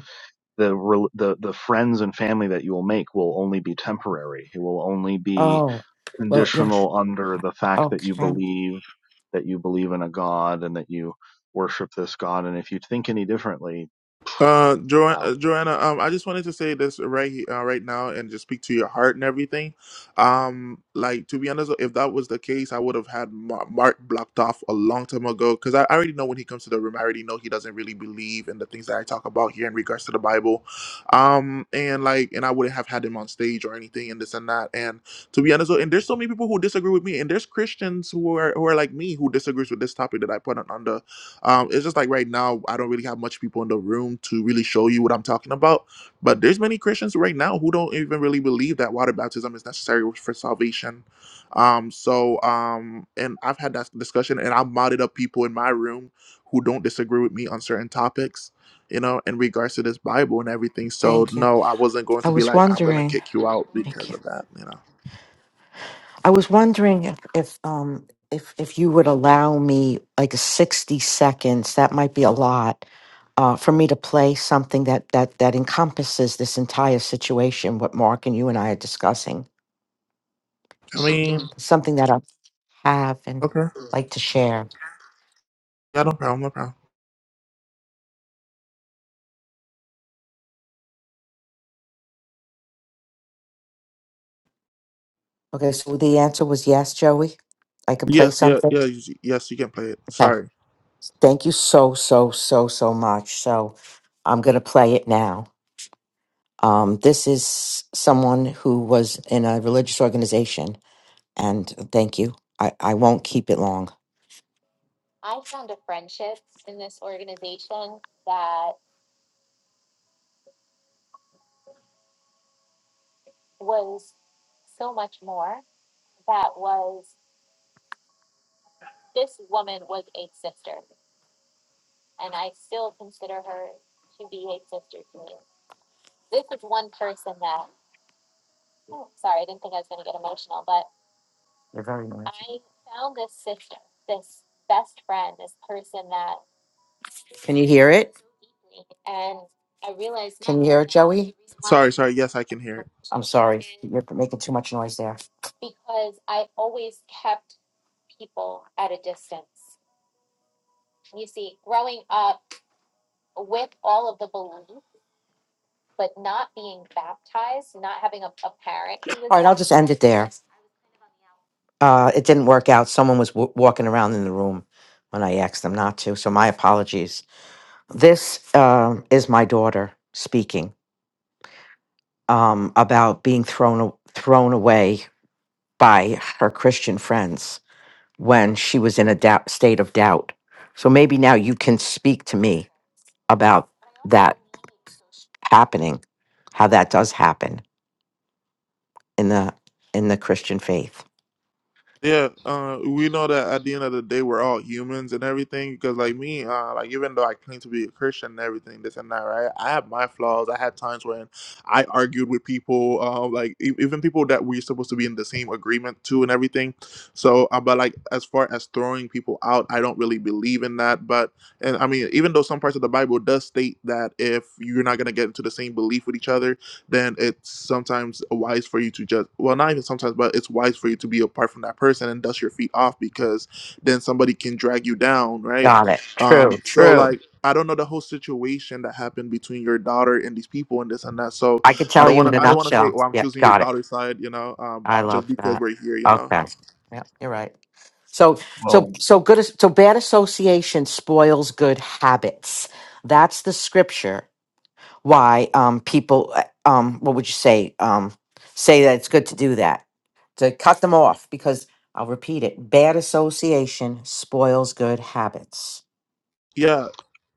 Speaker 2: the rel- the the friends and family that you will make will only be temporary. It will only be
Speaker 3: oh, well, yeah,
Speaker 2: conditional under the fact that you
Speaker 3: okay,
Speaker 2: believe that you believe in a god and that you worship this god and if you think any differently
Speaker 1: Uh, jo-
Speaker 2: out.
Speaker 1: uh, Joanna, um, I just wanted to say this right he- uh, right now and just speak to your heart and everything. Um, like to be honest, if that was the case, I would have had Mar- Mark blocked off a long time ago because I I already know when he comes to the room, I already know he doesn't really believe in the things that I talk about here in regards to the Bible. Um, and like, and I wouldn't have had him on stage or anything and this and that. And to be honest, and there's so many people who disagree with me, and there's Christians who are who are like me who disagrees with this topic that I put on, on the um, it's just like right now, I don't really have much people in the room to really show you what I'm talking about. But there's many Christians right now who don't even really believe that water baptism is necessary for salvation. Um, so um, and I've had that discussion, and I've modded up people in my room who don't disagree with me on certain topics, you know, in regards to this Bible and everything. So
Speaker 3: thank you.
Speaker 1: no, I wasn't going
Speaker 3: I
Speaker 1: to be
Speaker 3: was
Speaker 1: like I'm gonna
Speaker 3: wondering.
Speaker 1: kick you out
Speaker 3: Thank you.
Speaker 1: because of that, you know.
Speaker 3: I was wondering if if um if if you would allow me like 60 seconds, that might be a lot, uh, for me to play something that that that encompasses this entire situation, what Mark and you and I are discussing.
Speaker 1: I mean,
Speaker 3: Something that I have and
Speaker 1: okay.
Speaker 3: like to share.
Speaker 1: Yeah, no problem, no problem.
Speaker 3: Okay, so the answer was yes, Joey. I could play
Speaker 1: Yes, yeah,
Speaker 3: something.
Speaker 1: yeah, you- yes, you can play it.
Speaker 3: Okay.
Speaker 1: Sorry,
Speaker 3: Thank you so, so, so, so much. So I'm gonna play it now. Um, this is someone who was in a religious organization And thank you. I, I won't keep it long. They're very noisy. I- Can you hear it? And I realized Can you hear it, Joey?
Speaker 1: sorry, sorry. Yes, I can hear it.
Speaker 3: I'm sorry. You're making too much noise there. But not not being baptized, not having a a parent. who was All right, I'll just end it there. baptized. Uh, it didn't work out. Someone was w- walking around in the room when I asked them not to. So my apologies. This um is my daughter speaking um, about being thrown a- thrown away by her Christian friends. when she was in a doubt, state of doubt. So maybe now you can speak to me about that happening, how that does happen in the in the Christian faith.
Speaker 1: Yeah, uh, we know that at the end of the day, we're all humans and everything. Because like me, uh, like even though I claim to be a Christian and everything, this and that, right? I have my flaws. I had times when I argued with people, uh, like e- even people that we're supposed to be in the same agreement to and everything. So, uh, but like as far as throwing people out, I don't really believe in that. But and I mean, even though some parts of the Bible does state that if you're not gonna get into the same belief with each other, then it's sometimes wise for you to just well not even sometimes but it's wise for you to be apart from that person and dust your feet off because then somebody can drag you down right
Speaker 3: Got it.
Speaker 1: um
Speaker 3: True,
Speaker 1: so
Speaker 3: true.
Speaker 1: like i don't know the whole situation that happened between your daughter and these people and this and that so
Speaker 3: I could
Speaker 1: i
Speaker 3: tell
Speaker 1: don't
Speaker 3: you
Speaker 1: want
Speaker 3: in a
Speaker 1: to i don't want to say
Speaker 3: nutshell.
Speaker 1: oh i'm
Speaker 3: Yeah,
Speaker 1: choosing your
Speaker 3: got it.
Speaker 1: daughter's side you know um
Speaker 3: I
Speaker 1: just
Speaker 3: love
Speaker 1: because
Speaker 3: that.
Speaker 1: we're here you know
Speaker 3: Okay. Yeah, you're right. So so
Speaker 2: Well.
Speaker 3: so good as- so bad association spoils good habits. That's the scripture why um people uh, um what would you say um say that it's good to do that. To cut them off because I'll repeat it. Bad association spoils good habits.
Speaker 1: yeah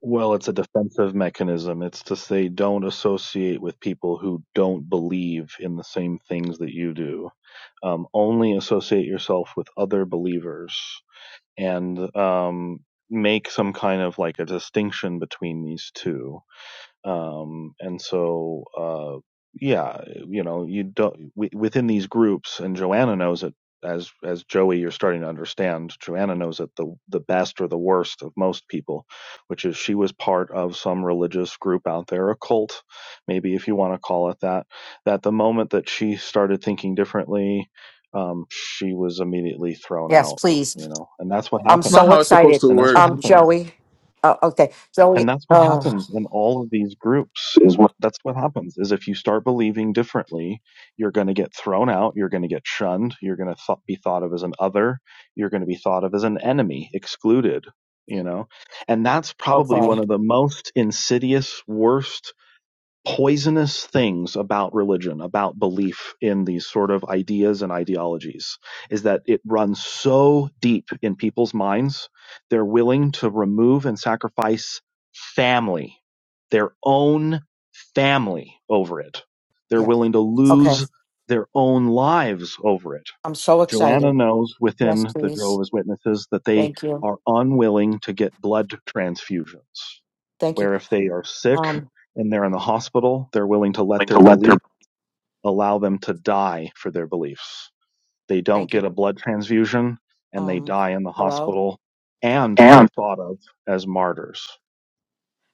Speaker 2: Well, it's a defensive mechanism. It's to say don't associate with people who don't believe in the same things that you do. Um, only associate yourself with other believers and um, make some kind of like a distinction between these two um, and so uh, yeah, you know, you don't w- within these groups, and Joanna knows it as as Joey. You're starting to understand. Joanna knows it the the best or the worst of most people, which is she was part of some religious group out there, a cult, maybe if you want to call it that. That the moment that she started thinking differently, um, she was immediately thrown
Speaker 3: Yes,
Speaker 2: out. You
Speaker 3: please.
Speaker 2: know, and that's what
Speaker 3: I'm
Speaker 1: it's
Speaker 2: happens.
Speaker 1: not
Speaker 3: so
Speaker 1: how it's supposed
Speaker 3: excited.
Speaker 1: to
Speaker 2: And that's what
Speaker 1: work
Speaker 3: Um
Speaker 1: no
Speaker 2: happens
Speaker 3: Joey. Oh, okay.
Speaker 2: and
Speaker 3: Joey.
Speaker 2: that's what
Speaker 3: Oh,
Speaker 2: happens in all of these groups is what that's what happens is if you start believing differently you're going to get thrown out you're going to get shunned you're going to th- be thought of as an other you're going to be thought of as an enemy excluded you know and that's probably one
Speaker 3: okay.
Speaker 2: of the most insidious worst poisonous things about religion, about belief in these sort of ideas and ideologies, is that it runs so deep in people's minds, they're willing to remove and sacrifice family, their own family over it. They're
Speaker 3: Yeah.
Speaker 2: willing to
Speaker 3: Okay.
Speaker 2: lose their own lives over it.
Speaker 3: I'm so excited.
Speaker 2: Joanna knows
Speaker 3: Yes,
Speaker 2: within the
Speaker 3: please.
Speaker 2: Jehovah's Witnesses that they
Speaker 3: Thank you.
Speaker 2: are unwilling to get blood transfusions
Speaker 3: Thank you.
Speaker 2: where if they are sick
Speaker 3: Um,
Speaker 2: and they're in the hospital, they're willing to let
Speaker 3: willing
Speaker 2: their
Speaker 3: to let their
Speaker 2: belief allow them to die for their beliefs. They don't
Speaker 3: thank you.
Speaker 2: get a blood transfusion and they
Speaker 3: Um,
Speaker 2: die in the
Speaker 3: hello.
Speaker 2: hospital and they're
Speaker 3: and
Speaker 2: thought of as martyrs.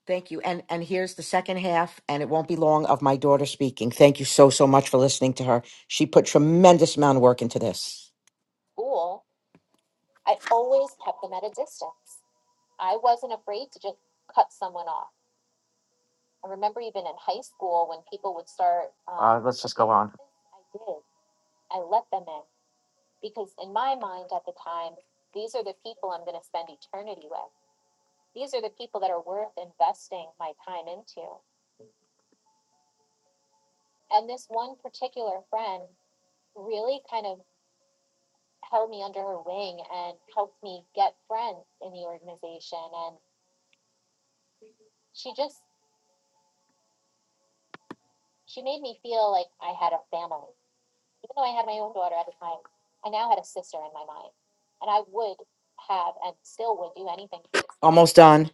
Speaker 3: Thank you. And and here's the second half, and it won't be long of my daughter speaking. Thank you so so much for listening to her. She put tremendous amount of work into this. Almost done.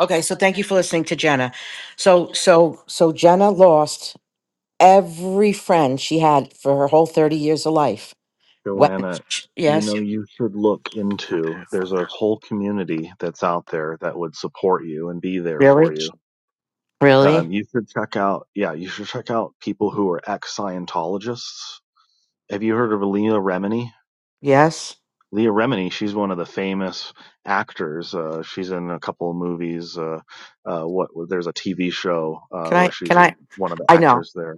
Speaker 3: Okay, so thank you for listening to Jenna. So so so Jenna lost every friend she had for her whole 30 years of life. When
Speaker 2: Joanna, you
Speaker 3: yes.
Speaker 2: know, you should look into there's a whole community that's out there that would support you and be there
Speaker 3: Really?
Speaker 2: for you.
Speaker 3: Really?
Speaker 2: Um, you should check out, yeah, you should check out people who are ex Scientologists. Have you heard of Leah Remini?
Speaker 3: Yes.
Speaker 2: Leah Remini, she's one of the famous actors. Uh, she's in a couple of movies. Uh, uh, what there's a TV show uh,
Speaker 3: Can
Speaker 2: where
Speaker 3: I can
Speaker 2: she's
Speaker 3: I
Speaker 2: one of the
Speaker 3: I know.
Speaker 2: actors there.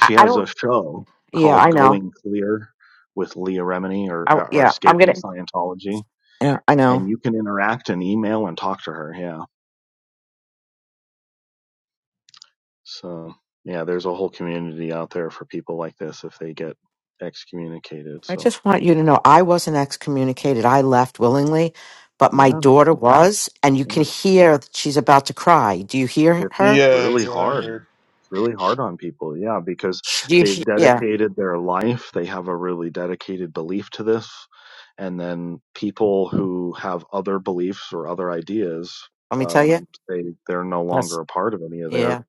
Speaker 3: I, I
Speaker 2: has
Speaker 3: don't
Speaker 2: a show
Speaker 3: Yeah,
Speaker 2: called
Speaker 3: I know.
Speaker 2: Going Clear with Leah Remini or,
Speaker 3: I,
Speaker 2: uh, or
Speaker 3: yeah, I'm
Speaker 2: Escaping
Speaker 3: gonna.
Speaker 2: Scientology,
Speaker 3: Yeah, I know.
Speaker 2: and you can interact and email and talk to her. Yeah, so yeah, there's a whole community out there for people like this if they get excommunicated.
Speaker 3: I
Speaker 2: So
Speaker 3: just want you to know I wasn't excommunicated. I left willingly, but my
Speaker 2: yeah,
Speaker 3: daughter was, and you
Speaker 2: yeah.
Speaker 3: can hear that she's about to cry. Do you hear
Speaker 2: It's
Speaker 3: her?
Speaker 1: yeah
Speaker 2: really
Speaker 1: yeah i
Speaker 2: hard.
Speaker 1: heard
Speaker 2: It's really hard on people. Yeah, because
Speaker 3: She, do you,
Speaker 2: they've
Speaker 3: she- yeah.
Speaker 2: dedicated their life. They have a really dedicated belief to this. And then people who have other beliefs or other ideas,
Speaker 3: Let me tell you.
Speaker 2: um, they, they're no
Speaker 3: Yes.
Speaker 2: longer a part of any of their,
Speaker 3: Yeah.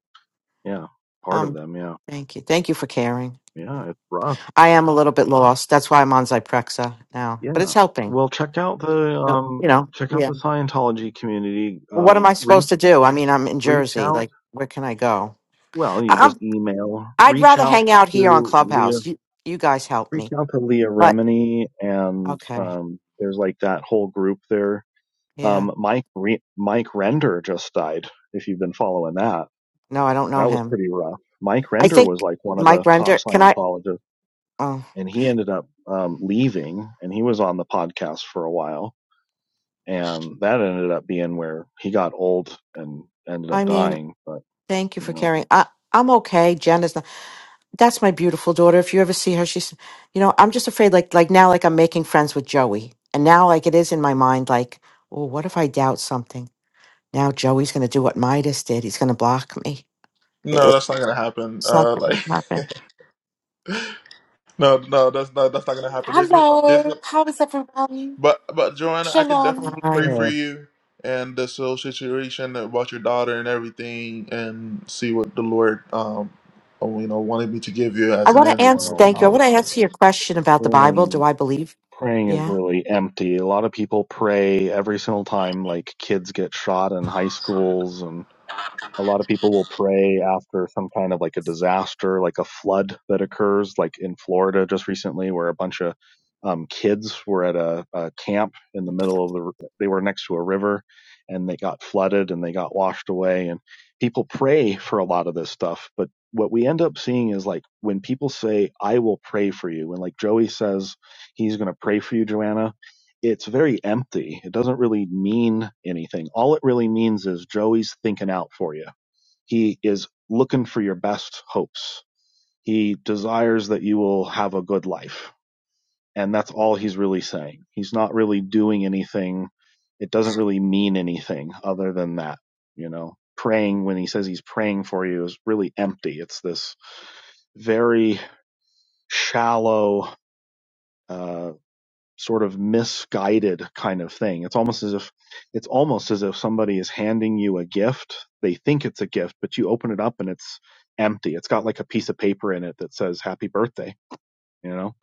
Speaker 2: yeah, part of
Speaker 3: Um.
Speaker 2: them. Yeah.
Speaker 3: Thank you. Thank you for caring. Yeah.
Speaker 2: Yeah. It's rough.
Speaker 3: I am a little bit lost. That's why I'm on Zyprexa now, but it's
Speaker 2: Yeah.
Speaker 3: helping.
Speaker 2: Well, check out the,
Speaker 3: No, you
Speaker 2: um,
Speaker 3: know.
Speaker 2: check out
Speaker 3: Yeah.
Speaker 2: the Scientology community.
Speaker 3: Well, what am
Speaker 2: Um,
Speaker 3: I supposed
Speaker 2: reach,
Speaker 3: to do? I mean, I'm in
Speaker 2: reach
Speaker 3: Jersey.
Speaker 2: out.
Speaker 3: Like, where can I go?
Speaker 2: Well, you just email,
Speaker 3: I'd
Speaker 2: reach
Speaker 3: rather
Speaker 2: out
Speaker 3: hang out here on
Speaker 2: to Leah
Speaker 3: Clubhouse. You you guys help
Speaker 2: reach
Speaker 3: me.
Speaker 2: out to Leah
Speaker 3: But
Speaker 2: Remini and
Speaker 3: okay.
Speaker 2: um, there's like that whole group there.
Speaker 3: Yeah.
Speaker 2: Um, Mike Re- Mike Render just died. If you've been following that,
Speaker 3: No, I don't know
Speaker 2: that was
Speaker 3: him.
Speaker 2: pretty rough. Mike
Speaker 3: I
Speaker 2: Render was
Speaker 3: think
Speaker 2: like one of
Speaker 3: Mike
Speaker 2: the top
Speaker 3: Render can I
Speaker 2: Scientologists,
Speaker 3: oh
Speaker 2: and he ended up um, leaving. And he was on the podcast for a while, and that ended up being where he got old and ended up
Speaker 3: I mean,
Speaker 2: dying. But
Speaker 3: thank you
Speaker 2: you
Speaker 3: for
Speaker 2: know,
Speaker 3: caring. I I'm okay. Jen is not that's my beautiful daughter. If you ever see her, she's you know, I'm just afraid like like now like I'm making friends with Joey. And now like it is in my mind like, oh, what if I doubt something? Now Joey's gonna do what Midas did. He's gonna block me. It-
Speaker 1: no that's
Speaker 3: It's
Speaker 1: not gonna happen
Speaker 3: not
Speaker 1: uh like
Speaker 3: gonna
Speaker 1: no, no, that's not that's not gonna happen. There's been there's been
Speaker 4: Hello, how is everyone?
Speaker 1: But but Joanna, I could
Speaker 4: Shalom.
Speaker 1: definitely pray
Speaker 3: happen.
Speaker 1: for
Speaker 2: uh,
Speaker 1: you and this whole situation about your daughter and everything, and see what the Lord um oh, you know wanted me to give you
Speaker 3: I
Speaker 1: as an
Speaker 3: want to
Speaker 1: answer.
Speaker 3: answer.
Speaker 2: well,
Speaker 3: Thank you. I
Speaker 1: about
Speaker 3: want to
Speaker 1: it.
Speaker 3: answer your question about the Bible.
Speaker 2: brain
Speaker 3: Do I believe?
Speaker 2: praying is
Speaker 3: Yeah.
Speaker 2: really empty. A lot of people pray every single time like kids get shot in high schools and a lot of people will pray after some kind of like a disaster, like a flood that occurs, like in Florida just recently, where a bunch of um, kids were at a, a camp in the middle of the, they were next to a river and they got flooded and they got washed away. And people pray for a lot of this stuff. But what we end up seeing is like when people say, I will pray for you, and like Joey says, he's going to pray for you, Joanna, it's very empty. It doesn't really mean anything. All it really means is Joey's thinking out for you he is looking for your best hopes. He desires that you will have a good life. And that's all he's really saying. He's not really doing anything. It doesn't really mean anything other than that, you know. Praying when he says he's praying for you is really empty. It's this very shallow, uh, sort of misguided kind of thing. It's almost as if it's almost as if somebody is handing you a gift. They think it's a gift, but you open it up and it's empty. It's got like a piece of paper in it that says happy birthday, you know.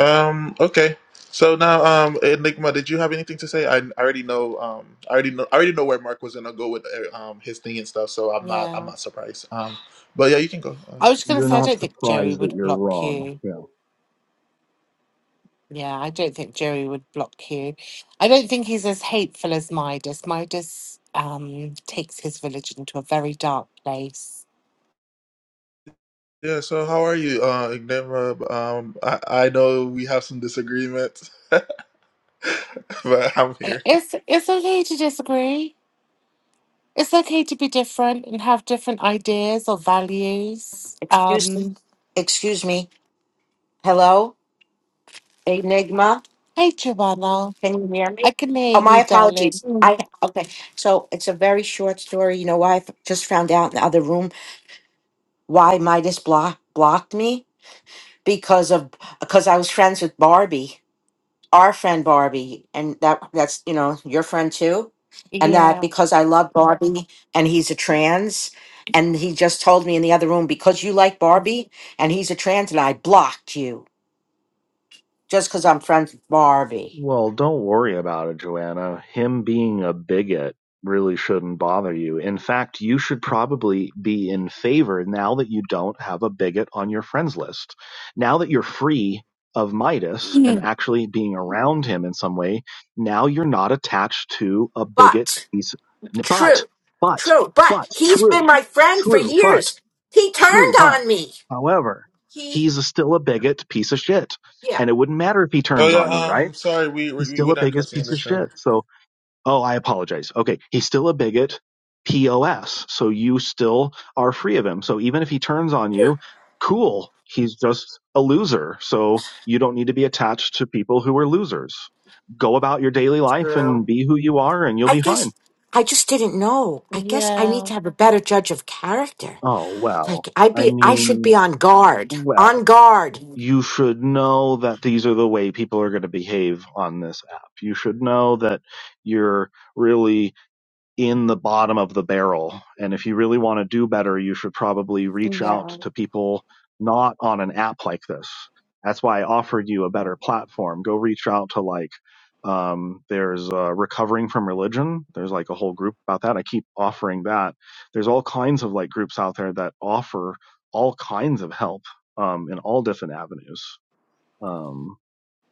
Speaker 1: Um. Okay. So now, um, Enigma, did you have anything to say? I, I already know. Um, I already know. I already know where Mark was gonna go with uh, um his thing and stuff. So I'm not. I'm
Speaker 4: Yeah,
Speaker 1: not surprised. Um, but yeah, you can go. Uh,
Speaker 4: I was going
Speaker 1: Enigma.
Speaker 4: to
Speaker 2: You're
Speaker 4: say, I
Speaker 2: not
Speaker 4: don't think Jerry
Speaker 2: surprised that
Speaker 4: would
Speaker 2: you're
Speaker 4: block
Speaker 2: wrong.
Speaker 4: you.
Speaker 2: Yeah.
Speaker 4: Yeah, I don't think Jerry would block you. I don't think he's as hateful as Midas. Midas um, takes his religion to a very dark place.
Speaker 1: yeah. So how are you, uh, Enigma? Um, I, I know we have some disagreements. but I'm
Speaker 4: I-
Speaker 1: here.
Speaker 4: It's it's okay to disagree. It's okay to be different and have different ideas or values.
Speaker 3: Excuse me.
Speaker 4: Um,
Speaker 3: Excuse me. Hello, Enigma.
Speaker 4: hey, Joanna,
Speaker 3: Can you hear me?
Speaker 4: I can hear
Speaker 3: Oh, my
Speaker 4: you, darling.
Speaker 3: apologies. Mm. I okay. So it's a very short story. You know why? I just found out in the other room why Midas block, blocked me because of because I was friends with Barbie. our friend Barbie, and that that's you know your friend too, and that
Speaker 4: Yeah.
Speaker 3: because I love Barbie and he's a trans, and he just told me in the other room because you like Barbie and he's a trans, and I blocked you just because I'm friends with Barbie.
Speaker 2: Well, don't worry about it, Joanna. Him being a bigot really shouldn't bother you. In fact, you should probably be in favor now that you don't have a bigot on your friends list. Now that you're free of Midas and actually being around him in some way, now you're not attached to a bigot.
Speaker 3: But
Speaker 2: piece- But,
Speaker 3: true,
Speaker 2: but,
Speaker 3: true. But
Speaker 2: but,
Speaker 3: he's been
Speaker 2: true,
Speaker 3: my friend for
Speaker 2: true, but,
Speaker 3: years. He turned
Speaker 2: true, but.
Speaker 3: on me.
Speaker 2: However,
Speaker 3: He,
Speaker 2: he's still a bigot piece of shit.
Speaker 3: yeah,
Speaker 2: And it wouldn't matter if he
Speaker 1: Oh
Speaker 2: turns
Speaker 1: yeah.
Speaker 2: on you, right?
Speaker 1: Um, sorry, we,
Speaker 2: He's
Speaker 1: we
Speaker 2: still
Speaker 1: we're
Speaker 2: a
Speaker 1: not
Speaker 2: biggest
Speaker 1: cussing in
Speaker 2: piece of
Speaker 1: this room.
Speaker 2: shit. So, oh, I apologize. Okay, he's still a bigot. POS. So you still are free of him. So even if he turns on you, cool. He's just a loser. So you don't need to be attached to people who are losers. Go about your daily life and
Speaker 3: true.
Speaker 2: be who you are and you'll
Speaker 3: I
Speaker 2: be fine.
Speaker 3: guess I just didn't know. I guess I need
Speaker 4: yeah,
Speaker 3: to have a better judge of character.
Speaker 2: Oh,
Speaker 3: Like
Speaker 2: well.
Speaker 3: I
Speaker 2: I
Speaker 3: be I should be
Speaker 2: mean,
Speaker 3: on guard. On
Speaker 2: well,
Speaker 3: guard.
Speaker 2: you should know that these are the way people are going to behave on this app. You should know that you're really in the bottom of the barrel. And if you really want to do better, you should probably reach
Speaker 4: yeah.
Speaker 2: out to people not on an app like this. That's why I offered you a
Speaker 4: No.
Speaker 2: better platform. Go reach out to like, um, there's uh, recovering from religion. There's like a whole group about that. I keep offering that. There's all kinds of like groups out there that offer all kinds of help um, in all different avenues. Um,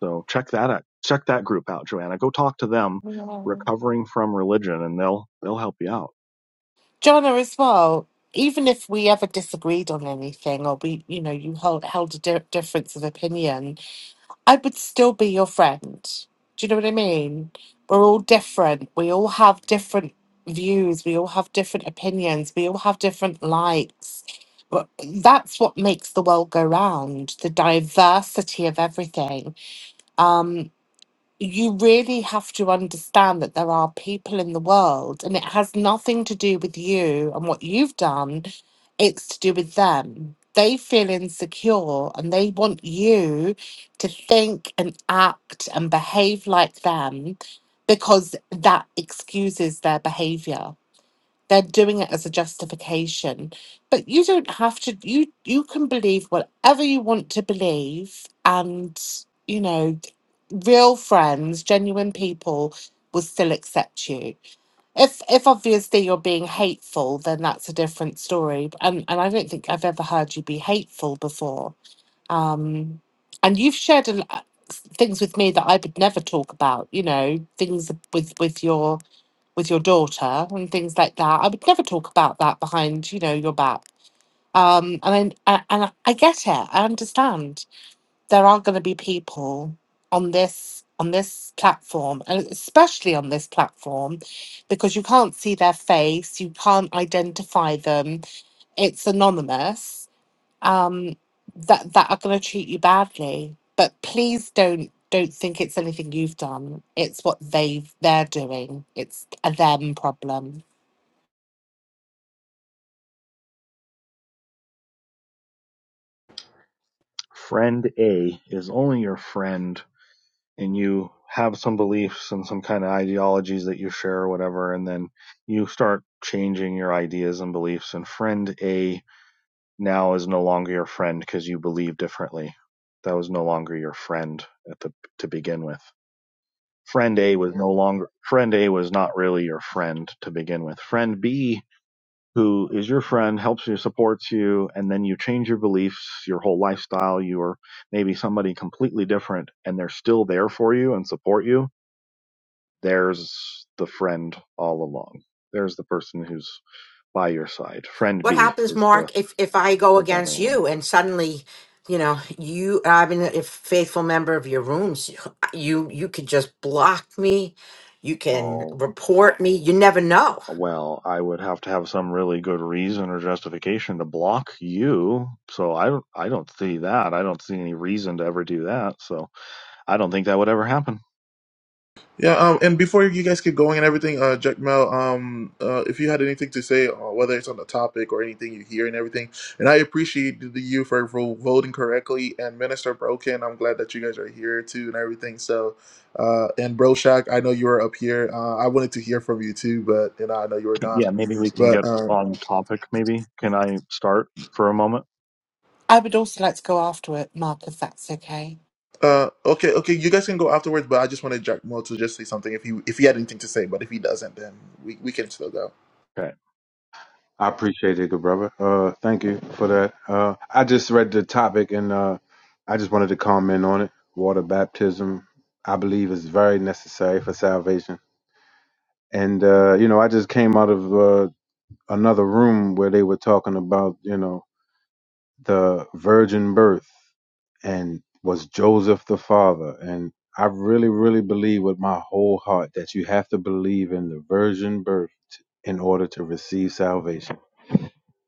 Speaker 2: so check that out. Check that group out, Joanna. Go talk to them, recovering from religion, and they'll they'll help you out.
Speaker 4: Jonna, as well, even if we ever disagreed on anything or we, you know, you held, held a di- difference of opinion, I would still be your friend. Do you know what I mean? We're all different. We all have different views. We all have different opinions. We all have different likes. But that's what makes the world go round the diversity of everything. Um, you really have to understand that there are people in the world and it has nothing to do with you and what you've done it's to do with them they feel insecure and they want you to think and act and behave like them because that excuses their behavior they're doing it as a justification but you don't have to you you can believe whatever you want to believe and you know real friends genuine people will still accept you if if obviously you're being hateful then that's a different story and and i don't think i've ever heard you be hateful before um and you've shared a, l- uh, things with me that i would never talk about you know things with with your with your daughter and things like that. I would never talk about that behind, you know, your back. Um, and I, I- and I I get it. I understand. There are going to be people on this on this platform, and especially on this platform, because you can't see their face, you can't identify them. It's anonymous. Um, that that are going to treat you badly. But please don't don't think it's anything you've done. It's what they've they're doing. It's a them problem.
Speaker 2: Friend A is only your friend, and you have some beliefs and some kind of ideologies that you share or whatever, and then you start changing your ideas and beliefs. And friend A now is no longer your friend because you believe differently. That was no longer your friend at the to begin with. Friend A was no longer friend A was not really your friend to begin with. Friend B who is your friend, helps you, supports you, and then you change your beliefs, your whole lifestyle, you are maybe somebody completely different, and they're still there for you and support you, there's the friend all along. There's the person who's by your side. Friend
Speaker 3: What
Speaker 2: B
Speaker 3: happens,
Speaker 2: is the,
Speaker 3: Mark, if if I go
Speaker 2: the better
Speaker 3: against
Speaker 2: one.
Speaker 3: you and suddenly, you know, you I've been a faithful member of your rooms, you you could just block me, you can
Speaker 2: Oh,
Speaker 3: report me. You never know.
Speaker 2: well, I would have to have some really good reason or justification to block you. So I don't, I don't see that. I don't see any reason to ever do that. So I don't think that would ever happen.
Speaker 1: Yeah. Um, and before you guys get going and everything, uh, Jack Mel, um, uh, if you had anything to say, uh, whether it's on the topic or anything you hear and everything, and I appreciate the you for vo- voting correctly and Minister Broken. I'm glad that you guys are here too and everything. So, uh, and Broshak, I know you were up here. Uh, I wanted to hear from you too, but you know I know you were
Speaker 2: Can-
Speaker 1: gone.
Speaker 2: Yeah, maybe we can
Speaker 1: But
Speaker 2: get
Speaker 1: uh,
Speaker 2: on topic. Maybe can I start for a moment?
Speaker 4: I would also like to go after it, Mark, if that's okay.
Speaker 1: Uh, okay, okay, you guys can go afterwards, but I just wanted Jack Mo to just say something if he if he had anything to say, but if he doesn't, then we, we can still go.
Speaker 2: Okay,
Speaker 5: I appreciate it, good brother. Uh, thank you for that. Uh, I just read the topic and uh, I just wanted to comment on it. Water baptism, I believe, is very necessary for salvation. And uh, you know, I just came out of uh, another room where they were talking about you know the virgin birth and was Joseph the father. And I really, really believe with my whole heart that you have to believe in the virgin birth in order to receive salvation.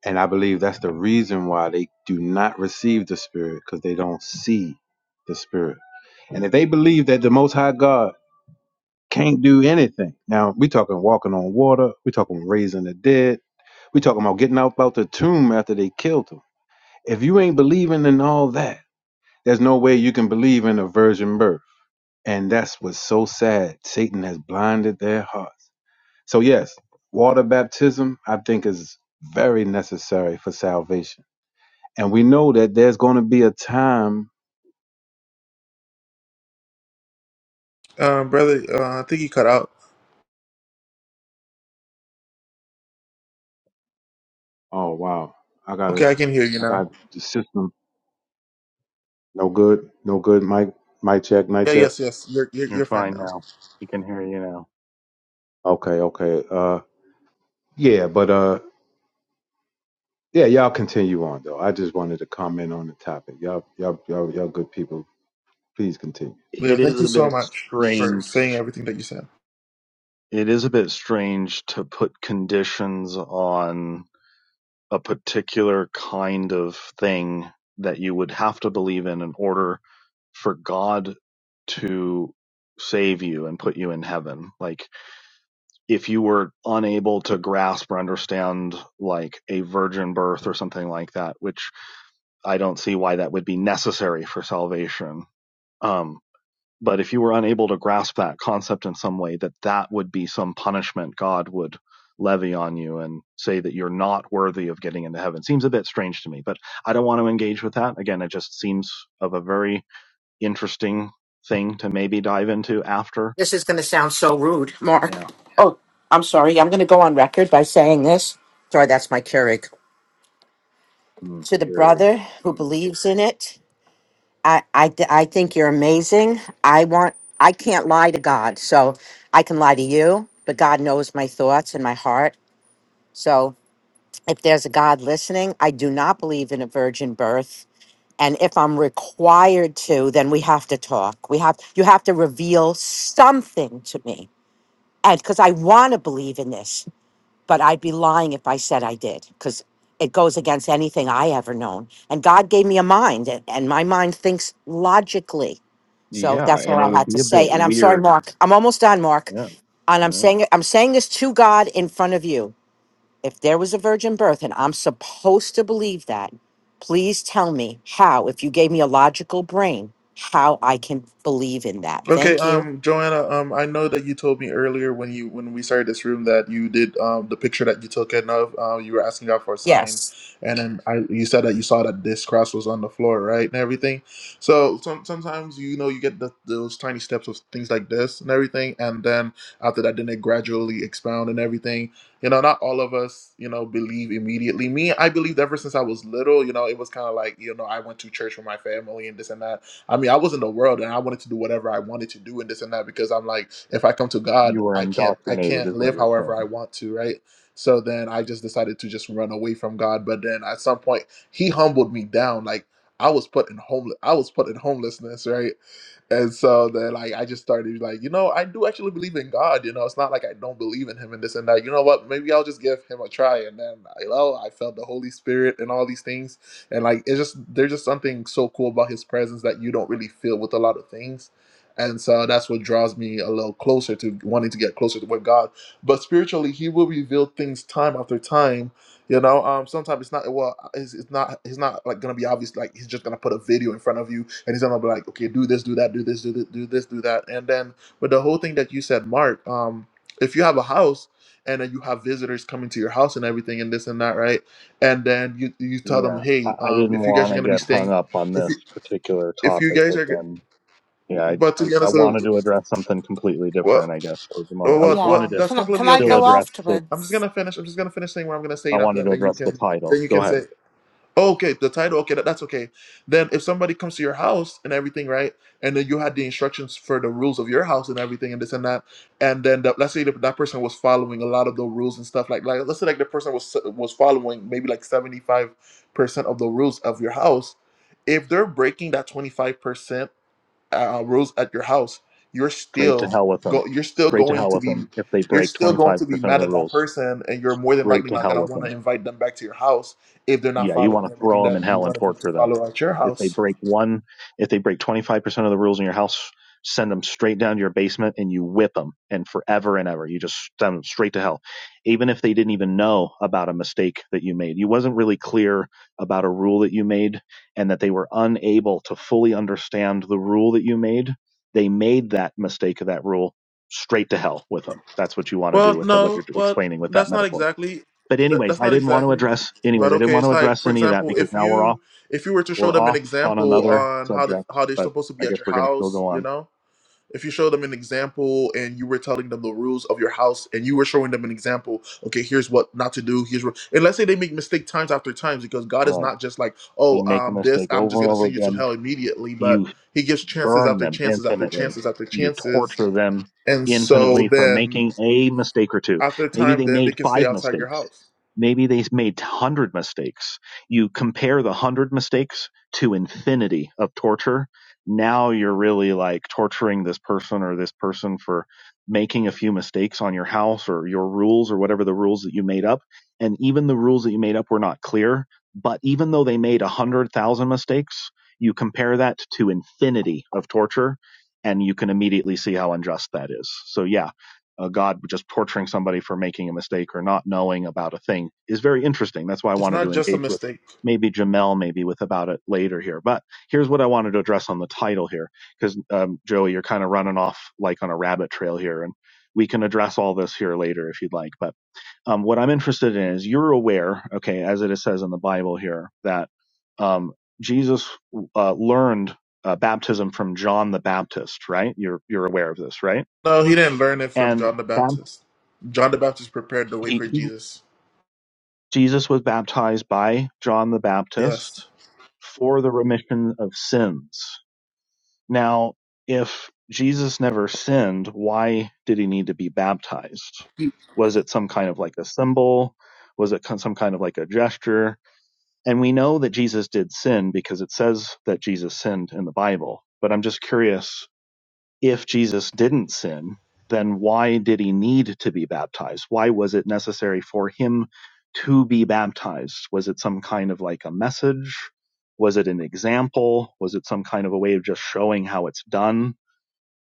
Speaker 5: And I believe that's the reason why they do not receive the Spirit because they don't see the Spirit. And if they believe that the Most High God can't do anything, now we talking walking on water, we talking raising the dead, we talking about getting out out the tomb after they killed him. If you ain't believing in all that, there's no way you can believe in a virgin birth. And that's what's so sad. Satan has blinded their hearts. So yes, water baptism I think is very necessary for salvation and we know that there's going to be a time.
Speaker 1: Uh, brother, uh, I think he cut out.
Speaker 5: Oh wow, I got to
Speaker 1: Okay, I can hear you
Speaker 5: I
Speaker 1: now.
Speaker 5: got the system. No good, no good. Mic, mic check, mic
Speaker 1: Yeah,
Speaker 5: check.
Speaker 1: yes, yes, you're you're,
Speaker 2: you're
Speaker 1: you're fine
Speaker 2: fine
Speaker 1: now.
Speaker 2: now. We can hear you now.
Speaker 5: Okay, okay. Uh, yeah, but uh, yeah, y'all continue on though. I just wanted to comment on the topic. Y'all, y'all, y'all, y'all, good people. Please continue.
Speaker 1: But yeah,
Speaker 2: It
Speaker 1: thank
Speaker 2: is
Speaker 1: you
Speaker 2: a
Speaker 1: so
Speaker 2: bit
Speaker 1: much for
Speaker 2: strange.
Speaker 1: saying everything that you said.
Speaker 2: It is a bit strange to put conditions on a particular kind of thing that you would have to believe in in order for God to save you and put you in heaven. Like if you were unable to grasp or understand like a virgin birth or something like that, which I don't see why that would be necessary for salvation. Um, but if you were unable to grasp that concept in some way, that that would be some punishment God would levy on you and say that you're not worthy of getting into heaven seems a bit strange to me. But I don't want to engage with that. Again, it just seems of a very interesting thing to maybe dive into after.
Speaker 3: This is going to sound so rude, Mark.
Speaker 2: Yeah.
Speaker 3: Oh, I'm sorry. I'm going to go on record by saying this. Sorry, that's my Keurig.
Speaker 2: Mm,
Speaker 3: To the
Speaker 2: Keurig.
Speaker 3: brother who believes in it, I I th- I think you're amazing. I want I can't lie to God, so I can lie to you, but God knows my thoughts and my heart So, if there's a God listening, I do not believe in a virgin birth. And if I'm required to, then we have to talk. We have you have to reveal something to me. And because I want to believe in this, but I'd be lying if I said I did, because it goes against anything I ever known. And God gave me a mind, and and my mind thinks logically. So
Speaker 2: Yeah,
Speaker 3: that's all
Speaker 2: and
Speaker 3: I
Speaker 2: it would
Speaker 3: had
Speaker 2: be
Speaker 3: to
Speaker 2: a bit
Speaker 3: say. And I'm sorry,
Speaker 2: weird.
Speaker 3: Mark. I'm almost done, Mark.
Speaker 2: Yeah,
Speaker 3: And I'm
Speaker 2: yeah.
Speaker 3: saying I'm saying this to God in front of you if there was a virgin birth and I'm supposed to believe that, please tell me how, if you gave me a logical brain, how I can believe in that.
Speaker 1: Okay,
Speaker 3: Thank you.
Speaker 1: um, Joanna, um, I know that you told me earlier when you when we started this room that you did um the picture that you took and of uh, you were asking God for a sign,
Speaker 3: Yes.
Speaker 1: and then I you said that you saw that this cross was on the floor, right, and everything. So some, sometimes you know you get the, those tiny steps of things like this and everything, and then after that, then they gradually expound and everything. You know, not all of us, you know, believe immediately. Me, I believed ever since I was little. You know, it was kind of like you know I went to church with my family and this and that I mean, I was in the world and I wanted to do whatever I wanted to do and this and that because I'm like, if I come to God,
Speaker 2: You were
Speaker 1: I can't I
Speaker 2: indoctrinated,
Speaker 1: can't
Speaker 2: is what
Speaker 1: live
Speaker 2: you're
Speaker 1: however I
Speaker 2: saying.
Speaker 1: want to, right? So then I just decided to just run away from God. But then at some point, He humbled me down. Like I was put in homeless I was put in homelessness, right? and so then like I just started like, you know, I do actually believe in God, you know. It's not like I don't believe in him and this and that. You know what? Maybe I'll just give him a try and then you know, I felt the Holy Spirit and all these things. And like it's just there's just something so cool about his presence that you don't really feel with a lot of things. And so that's what draws me a little closer to wanting to get closer to with God. But spiritually, he will reveal things time after time you know, um, sometimes it's not well. It's, it's not. He's not like gonna be obvious. Like he's just gonna put a video in front of you, and he's gonna be like, okay, do this, do that, do this, do this, do this, do that. And then with the whole thing that you said, Mark, um, if you have a house and then you have visitors coming to your house and everything and this and that, right? And then you you tell them,
Speaker 2: Yeah, I,
Speaker 1: hey,
Speaker 2: I
Speaker 1: um,
Speaker 2: didn't
Speaker 1: if you guys
Speaker 2: want
Speaker 1: are
Speaker 2: to
Speaker 1: gonna be
Speaker 2: get hung
Speaker 1: staying,
Speaker 2: up on
Speaker 1: if you
Speaker 2: this particular
Speaker 1: if you
Speaker 2: topic
Speaker 1: guys are, g-
Speaker 2: again. Yeah, I,
Speaker 1: but to
Speaker 2: I,
Speaker 1: be
Speaker 2: I
Speaker 1: honest, uh,
Speaker 2: wanted to address something completely
Speaker 1: what
Speaker 2: different, I guess, for the moment. I was
Speaker 1: what what
Speaker 2: wanted
Speaker 4: Yeah.
Speaker 2: to
Speaker 1: that's
Speaker 4: Can I, can
Speaker 1: completely
Speaker 4: I
Speaker 1: okay.
Speaker 2: still
Speaker 1: I'm
Speaker 4: go
Speaker 1: just
Speaker 2: address the,
Speaker 1: I'm just
Speaker 4: afterwards?
Speaker 1: gonna finish. I'm just gonna finish saying what I'm gonna say,
Speaker 2: I
Speaker 1: and after
Speaker 2: wanted
Speaker 1: that,
Speaker 2: to
Speaker 1: then you
Speaker 2: address the
Speaker 1: can then
Speaker 2: title.
Speaker 1: you
Speaker 2: Go
Speaker 1: can
Speaker 2: ahead.
Speaker 1: say. Oh, okay, the title. Okay, that, that's okay. Then if somebody comes to your house and everything, right, and then you had the instructions for the rules of your house and everything and this and that, and then the, let's say that, that person was following a lot of the rules and stuff like like let's say like the person was was following maybe like seventy five percent of the rules of your house. If they're breaking that twenty five percent uh, rules at your house, you're
Speaker 2: Straight to
Speaker 1: still
Speaker 2: hell with
Speaker 1: go.
Speaker 2: them.
Speaker 1: You're still
Speaker 2: Straight to
Speaker 1: going
Speaker 2: hell
Speaker 1: to
Speaker 2: with
Speaker 1: be.
Speaker 2: them. If they
Speaker 1: You're
Speaker 2: break
Speaker 1: still going
Speaker 2: 25%
Speaker 1: to be
Speaker 2: of
Speaker 1: mad
Speaker 2: the
Speaker 1: at that
Speaker 2: rules,
Speaker 1: person, and you're more than
Speaker 2: straight
Speaker 1: likely
Speaker 2: to
Speaker 1: not
Speaker 2: hell
Speaker 1: gonna
Speaker 2: with
Speaker 1: want
Speaker 2: them.
Speaker 1: to invite them back to your house if they're not
Speaker 2: yeah, you want
Speaker 1: following
Speaker 2: to
Speaker 1: everything
Speaker 2: throw them
Speaker 1: that
Speaker 2: in
Speaker 1: you
Speaker 2: hell and
Speaker 1: wanted them to
Speaker 2: torture them.
Speaker 1: follow at your
Speaker 2: If they
Speaker 1: house.
Speaker 2: break one, if they break 25% of the rules in your house, send them straight down to your basement and you whip them and forever and ever. You just send them straight to hell. Even if they didn't even know about a mistake that you made, you wasn't really clear about a rule that you made and that they were unable to fully understand the rule that you made. They made that mistake of that rule straight to hell with them. That's what you want to do
Speaker 1: Well,
Speaker 2: with the, what
Speaker 1: no,
Speaker 2: you're
Speaker 1: well,
Speaker 2: explaining with that
Speaker 1: that's not
Speaker 2: metaphor
Speaker 1: exactly
Speaker 2: but
Speaker 1: that,
Speaker 2: anyways,
Speaker 1: that's
Speaker 2: I
Speaker 1: not
Speaker 2: didn't want to
Speaker 1: exactly.
Speaker 2: address anyways,
Speaker 1: But
Speaker 2: I didn't
Speaker 1: okay,
Speaker 2: want
Speaker 1: it's
Speaker 2: to
Speaker 1: like
Speaker 2: address
Speaker 1: for
Speaker 2: any of that
Speaker 1: example,
Speaker 2: because
Speaker 1: if
Speaker 2: now we're
Speaker 1: you
Speaker 2: off
Speaker 1: if you were to show
Speaker 2: we're
Speaker 1: them an
Speaker 2: off on
Speaker 1: example
Speaker 2: another
Speaker 1: on how the,
Speaker 2: subject,
Speaker 1: how they're
Speaker 2: but
Speaker 1: supposed to be
Speaker 2: I
Speaker 1: at
Speaker 2: guess
Speaker 1: your
Speaker 2: we're gonna still
Speaker 1: house,
Speaker 2: go
Speaker 1: you
Speaker 2: on.
Speaker 1: know. if you showed them an example and you were telling them the rules of your house and you were showing them an example okay here's what not to do here's what and let's say they make mistake times after times because god is
Speaker 2: Right.
Speaker 1: not just like
Speaker 2: They
Speaker 1: oh
Speaker 2: make a
Speaker 1: um this
Speaker 2: mistake
Speaker 1: i'm
Speaker 2: over
Speaker 1: just
Speaker 2: and
Speaker 1: gonna
Speaker 2: over
Speaker 1: send you to
Speaker 2: again.
Speaker 1: hell immediately but
Speaker 2: You
Speaker 1: he gives chances
Speaker 2: burn
Speaker 1: after
Speaker 2: them
Speaker 1: chances after
Speaker 2: infinitely.
Speaker 1: chances after
Speaker 2: You
Speaker 1: chances
Speaker 2: torture them
Speaker 1: and so
Speaker 2: infinitely for
Speaker 1: then
Speaker 2: making a mistake or two.
Speaker 1: after
Speaker 2: Maybe
Speaker 1: time
Speaker 2: they
Speaker 1: then they
Speaker 2: made
Speaker 1: can stay
Speaker 2: five
Speaker 1: outside your
Speaker 2: mistakes.
Speaker 1: house
Speaker 2: Maybe they made 100 mistakes. You compare the 100 mistakes to infinity of torture. Now you're really like torturing this person or this person for making a few mistakes on your house or your rules or whatever the rules that you made up. And even the rules that you made up were not clear. But even though they made 100,000 mistakes, you compare that to infinity of torture, and you can immediately see how unjust that is. So, yeah, uh, God just torturing somebody for making a mistake or not knowing about a thing is very interesting. That's why I
Speaker 1: it's
Speaker 2: wanted
Speaker 1: not
Speaker 2: to
Speaker 1: just a
Speaker 2: engage with
Speaker 1: mistake
Speaker 2: maybe Jamel, maybe with about it later here. But here's what I wanted to address on the title here, because um, Joey, you're kind of running off like on a rabbit trail here, and we can address all this here later if you'd like. But um, what I'm interested in is you're aware, okay, as it says in the Bible here, that um, Jesus uh, learned uh, baptism from John the Baptist, right? You're you're aware of this, right?
Speaker 1: no he didn't learn it from
Speaker 2: And
Speaker 1: john the
Speaker 2: bap-
Speaker 1: baptist john the baptist prepared the way for
Speaker 2: he, he,
Speaker 1: jesus
Speaker 2: Jesus was baptized by John the
Speaker 1: yes
Speaker 2: Baptist for the remission of sins. Now, if Jesus never sinned, why did he need to be baptized? Was it some kind of like a symbol? Was it some kind of like a gesture? And we know that Jesus did sin because it says that Jesus sinned in the Bible. But I'm just curious if Jesus didn't sin, then why did he need to be baptized? Why was it necessary for him to be baptized? Was it some kind of like a message? Was it an example? Was it some kind of a way of just showing how it's done?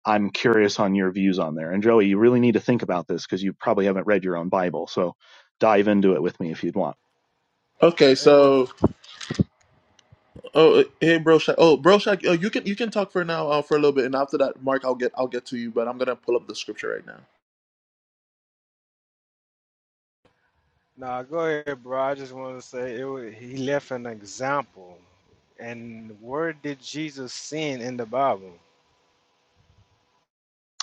Speaker 2: I'm curious on your views on there. And Joey, you really need to think about this because you probably haven't read your own Bible. So dive into it with me if you'd want.
Speaker 1: Okay,
Speaker 6: It was
Speaker 1: so Oh, uh, hey, bro, Shaq. Oh, bro, Shaq. Uh, you can you can talk for now uh, for a little bit, and after that, Mark, I'll get I'll get to you. But I'm gonna pull up the scripture right now.
Speaker 6: nah. Go ahead, bro. I just want to say it. Was, he left an example, and where did Jesus sin in the Bible?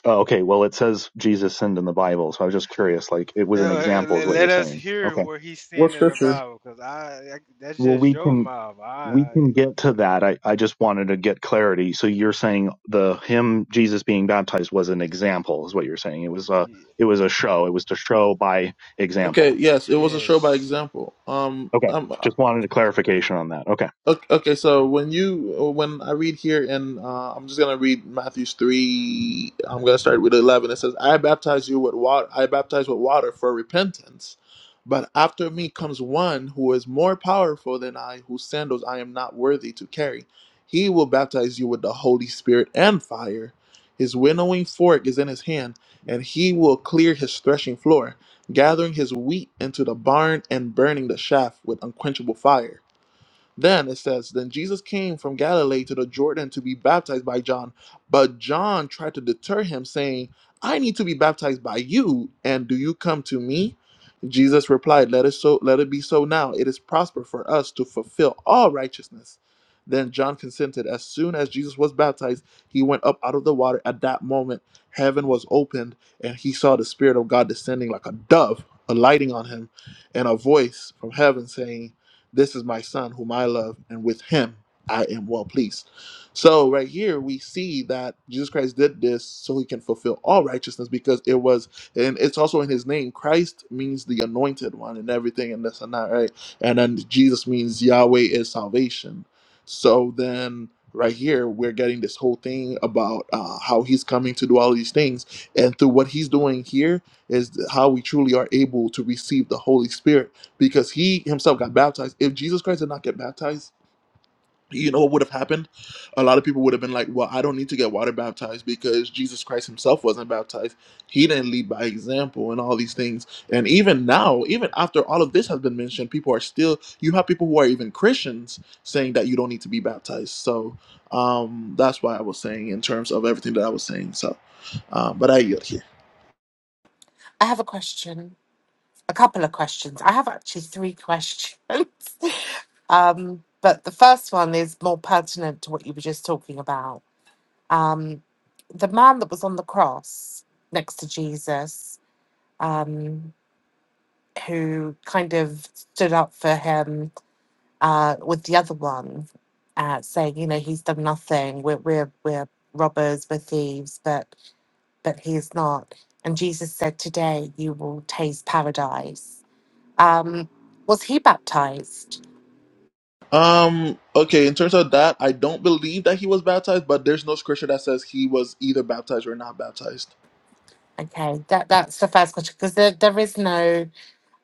Speaker 2: Oh, okay. Well, it says Jesus sinned in the Bible, so I was just curious. Like, it was
Speaker 6: Uh,
Speaker 2: an
Speaker 6: uh,
Speaker 2: example,
Speaker 6: le-
Speaker 2: is what you're
Speaker 6: Let us
Speaker 2: saying.
Speaker 6: hear
Speaker 2: Okay.
Speaker 6: where he
Speaker 1: What
Speaker 6: sinned in the
Speaker 1: scripture?
Speaker 6: Bible, because I, I that's
Speaker 2: Well,
Speaker 6: just
Speaker 2: we
Speaker 6: your
Speaker 2: can
Speaker 6: mouth. I,
Speaker 2: we can
Speaker 6: I-
Speaker 2: get to that. I I just wanted to get clarity. So you're saying the him Jesus being baptized was an example, is what you're saying. It was a
Speaker 6: y-
Speaker 2: it was a show. It was to show by
Speaker 1: Okay.
Speaker 2: example.
Speaker 1: Yes, it was a show by
Speaker 6: yes.
Speaker 1: example. Um,
Speaker 2: Okay.
Speaker 1: um,
Speaker 2: Just wanted a clarification on that. Okay.
Speaker 1: Okay, okay, so when you when I read here, and uh, I'm just gonna read Matthew's three. I'm gonna start with eleven. It says, "I baptize you with water. I baptize with water for repentance, but after me comes one who is more powerful than I, whose sandals I am not worthy to carry. He will baptize you with the Holy Spirit and fire. His winnowing fork is in his hand, and he will clear his threshing floor, gathering his wheat into the barn and burning the chaff with unquenchable fire." Then it says, Then Jesus came from Galilee to the Jordan to be baptized by John. But John tried to deter him, saying, I need to be baptized by you, and do you come to me? Jesus replied, Let it so let it be so now. It is prosper for us to fulfill all righteousness. Then John consented. As soon as Jesus was baptized, he went up out of the water. At that moment, heaven was opened, and he saw the Spirit of God descending like a dove, alighting on him, and a voice from heaven saying, this is my son whom I love, and with him I am well pleased. So, right here, we see that Jesus Christ did this so he can fulfill all righteousness because it was, and it's also in his name. Christ means the anointed one and everything, and this and that, right? And then Jesus means Yahweh is salvation. So, then right here, we're getting this whole thing about uh, how he's coming to do all these things. And through what he's doing here is how we truly are able to receive the Holy Spirit because he himself got baptized. If Jesus Christ did not get baptized, you know what would have happened? A lot of people would have been like, well, I don't need to get water baptized because Jesus Christ himself wasn't baptized. He didn't lead by example and all these things. And even now, even after all of this has been mentioned, people are still, you have people who are even Christians saying that you don't need to be baptized. So um, that's why I was saying in terms of everything that I was saying. So, uh, but I yield here.
Speaker 4: I have a question. A couple of questions. I have actually three questions. Um, but the first one is more pertinent to what you were just talking about. Um, the man that was on the cross next to Jesus, um, who kind of stood up for him uh, with the other one, uh, saying, you know, he's done nothing. We're we're we're robbers, we're thieves, but but he is not. And Jesus said, Today you will taste paradise. Um, was he baptized?
Speaker 1: Um. Okay. In terms of that, I don't believe that he was baptized, but there's no scripture that says he was either baptized or not baptized.
Speaker 4: Okay, that, that's the first question because there, there is no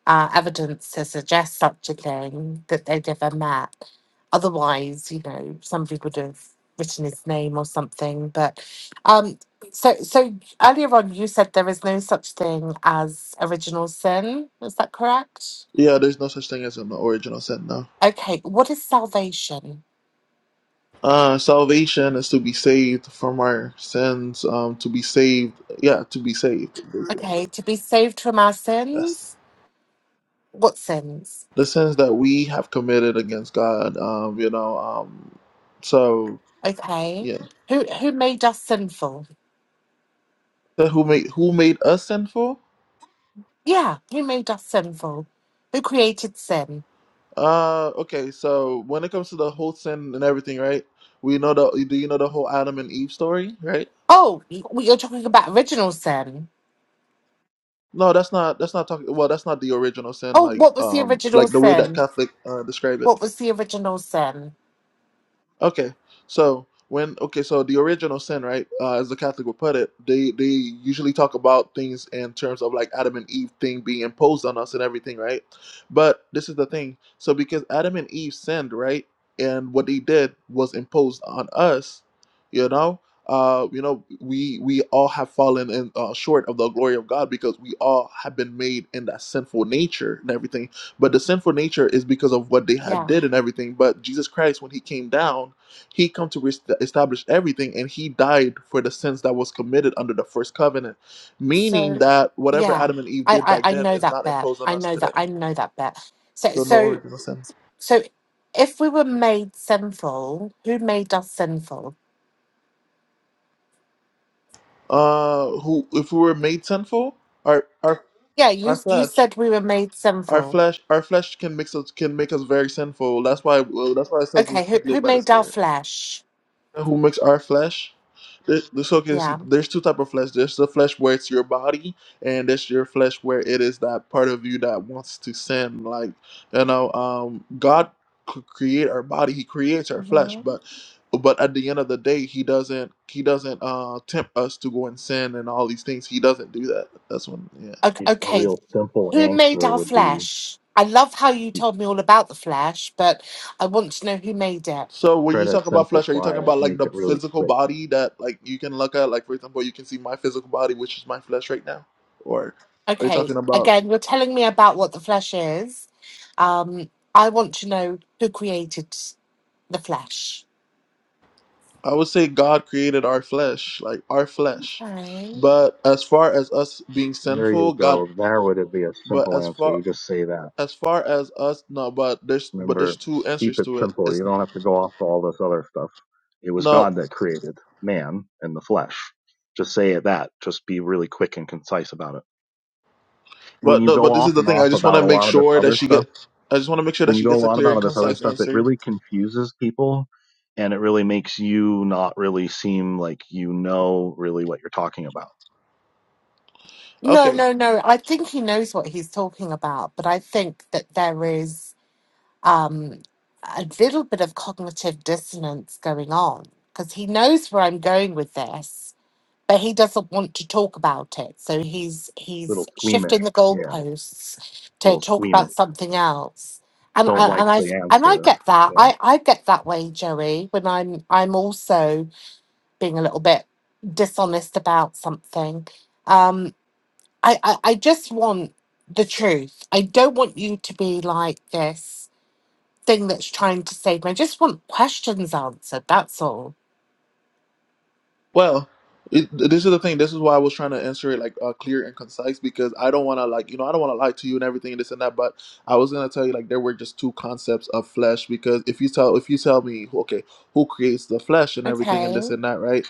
Speaker 4: uh, evidence to suggest such a thing that they'd ever met. Otherwise, you know, somebody would have written his name or something. But um, so, so earlier on, you said there is no such thing as original sin. Is that correct?
Speaker 1: Yeah, there's no such thing as an original sin. No.
Speaker 4: Okay, what is salvation?
Speaker 1: Uh, salvation is to be saved from our sins. Um, to be saved. Yeah, to be saved. basically.
Speaker 4: Okay, to be saved from our
Speaker 1: Yes.
Speaker 4: sins? What sins?
Speaker 1: the sins that we have committed against God. Um, you know, um, so
Speaker 4: Okay.
Speaker 1: yeah,
Speaker 4: Who who made us sinful?
Speaker 1: So who made who made us sinful?
Speaker 4: Yeah, who made us sinful? Who created sin?
Speaker 1: Uh, okay, so when it comes to the whole sin and everything, right? We know the do you know the whole Adam and Eve story, right?
Speaker 4: Oh, you- you're talking about original sin.
Speaker 1: No, that's not that's not talking. Well, that's not the original sin,
Speaker 4: Oh,
Speaker 1: like
Speaker 4: what was the
Speaker 1: um,
Speaker 4: original
Speaker 1: like the way that
Speaker 4: sin?
Speaker 1: Catholic uh, describe it.
Speaker 4: What was the original sin?
Speaker 1: Okay, so when okay, so the original sin, right? Uh, as the Catholic would put it, they they usually talk about things in terms of like Adam and Eve thing being imposed on us and everything, right? But this is the thing. So because Adam and Eve sinned, right, and what they did was imposed on us, you know. Uh, you know, we we all have fallen in uh, short of the glory of God because we all have been made in that sinful nature and everything but the sinful nature is because of what they had
Speaker 4: Yeah.
Speaker 1: did and everything but jesus christ when he came down he come to rest- establish everything and he died for the sins that was committed under the first covenant meaning
Speaker 4: So,
Speaker 1: that whatever
Speaker 4: yeah.
Speaker 1: adam and eve
Speaker 4: I
Speaker 1: did
Speaker 4: I,
Speaker 1: back
Speaker 4: I
Speaker 1: then
Speaker 4: know
Speaker 1: is
Speaker 4: that
Speaker 1: not
Speaker 4: bit.
Speaker 1: imposed on
Speaker 4: I
Speaker 1: us
Speaker 4: know that.
Speaker 1: today
Speaker 4: I know that bit. So
Speaker 1: so no
Speaker 4: so
Speaker 1: original sin
Speaker 4: so if we were made sinful, who made us sinful?
Speaker 1: uh who if we were made sinful our our
Speaker 4: Yeah, you
Speaker 1: our
Speaker 4: you
Speaker 1: flesh
Speaker 4: said we were made
Speaker 1: our
Speaker 4: sinful.
Speaker 1: flesh our flesh can mix us can make us very sinful that's why well, that's why it says we
Speaker 4: Okay, who
Speaker 1: should live
Speaker 4: who
Speaker 1: by the
Speaker 4: made our
Speaker 1: spirit
Speaker 4: flesh?
Speaker 1: who makes our flesh. This, this, okay, see,
Speaker 4: Yeah.
Speaker 1: there's two type of flesh. There's the flesh where it's your body, and there's your flesh where it is that part of you that wants to sin. Like you know, um, God c- create our body. He creates our flesh,
Speaker 4: Mhm.
Speaker 1: but but at the end of the day, he doesn't he doesn't uh tempt us to go and sin and all these things. He doesn't do that. That's when yeah.
Speaker 4: O-
Speaker 2: A
Speaker 4: Okay,
Speaker 2: real simple
Speaker 4: who made
Speaker 2: answer
Speaker 4: our
Speaker 2: would be
Speaker 4: flesh? I love how you
Speaker 2: you
Speaker 4: told me all about the flesh, but I want to know who made it.
Speaker 1: So when
Speaker 2: try
Speaker 1: you
Speaker 2: to
Speaker 1: talk about flesh, are you talking
Speaker 2: simplify it,
Speaker 1: about like
Speaker 2: make
Speaker 1: the
Speaker 2: it really
Speaker 1: physical
Speaker 2: quick.
Speaker 1: body that like you can look at? Like for example, you can see my physical body, which is my flesh right now, or are you
Speaker 4: Okay,
Speaker 1: talking about?
Speaker 4: again, you're telling me about what the flesh is. Um, I want to know who created the flesh.
Speaker 1: I would say God created our flesh, like our flesh.
Speaker 4: Okay.
Speaker 1: But as far as us being
Speaker 2: There you
Speaker 1: sinful, God.
Speaker 2: go. There would it be a
Speaker 1: But
Speaker 2: simple
Speaker 1: as
Speaker 2: answer.
Speaker 1: far
Speaker 2: You just say that.
Speaker 1: as far as us, no. But there's but there's
Speaker 2: Remember,
Speaker 1: two
Speaker 2: keep
Speaker 1: answers
Speaker 2: it
Speaker 1: to it.
Speaker 2: simple.
Speaker 1: It's
Speaker 2: You don't have to go off all this other stuff. It was
Speaker 1: no.
Speaker 2: God that created man in the flesh. Just say it that. Just be really quick and concise about it. When
Speaker 1: But
Speaker 2: you
Speaker 1: no.
Speaker 2: go
Speaker 1: But this is
Speaker 2: off
Speaker 1: the
Speaker 2: and
Speaker 1: thing.
Speaker 2: off
Speaker 1: I just want
Speaker 2: about
Speaker 1: to
Speaker 2: a
Speaker 1: make
Speaker 2: lot of this
Speaker 1: sure that
Speaker 2: other
Speaker 1: she
Speaker 2: stuff,
Speaker 1: get. I just want to make sure
Speaker 2: when
Speaker 1: that
Speaker 2: you
Speaker 1: she
Speaker 2: go a
Speaker 1: gets a
Speaker 2: lot
Speaker 1: clear
Speaker 2: about
Speaker 1: and
Speaker 2: this other
Speaker 1: concise
Speaker 2: stuff, it
Speaker 1: answer.
Speaker 2: really confuses people and it really makes you not really seem like you know really what you're talking about.
Speaker 4: No,
Speaker 1: Okay.
Speaker 4: no, no. I think he knows what he's talking about, but I think that there is. um, a little bit of cognitive dissonance going on because he knows where I'm going with this, but he doesn't want to talk about it. So he's
Speaker 2: Little
Speaker 4: he's
Speaker 2: squeamish.
Speaker 4: shifting the
Speaker 2: Yeah.
Speaker 4: goalposts to
Speaker 2: Little
Speaker 4: talk
Speaker 2: squeamish.
Speaker 4: about something else. And
Speaker 2: Don't
Speaker 4: I and
Speaker 2: like
Speaker 4: I
Speaker 2: the
Speaker 4: and I
Speaker 2: answer.
Speaker 4: get that.
Speaker 2: Yeah.
Speaker 4: I I get that way, Joey. When I'm I'm also being a little bit dishonest about something. Um, I I, I just want the truth. I don't want you to be like this thing that's trying to save me. I just want questions answered. That's all.
Speaker 1: Well, it, this is the thing. This is why I was trying to answer it like uh, clear and concise because I don't want to like you know I don't want to lie to you and everything and this and that. But I was gonna tell you like there were just two concepts of flesh because if you tell if you tell me okay who creates the flesh and everything and
Speaker 4: Okay.
Speaker 1: this and that right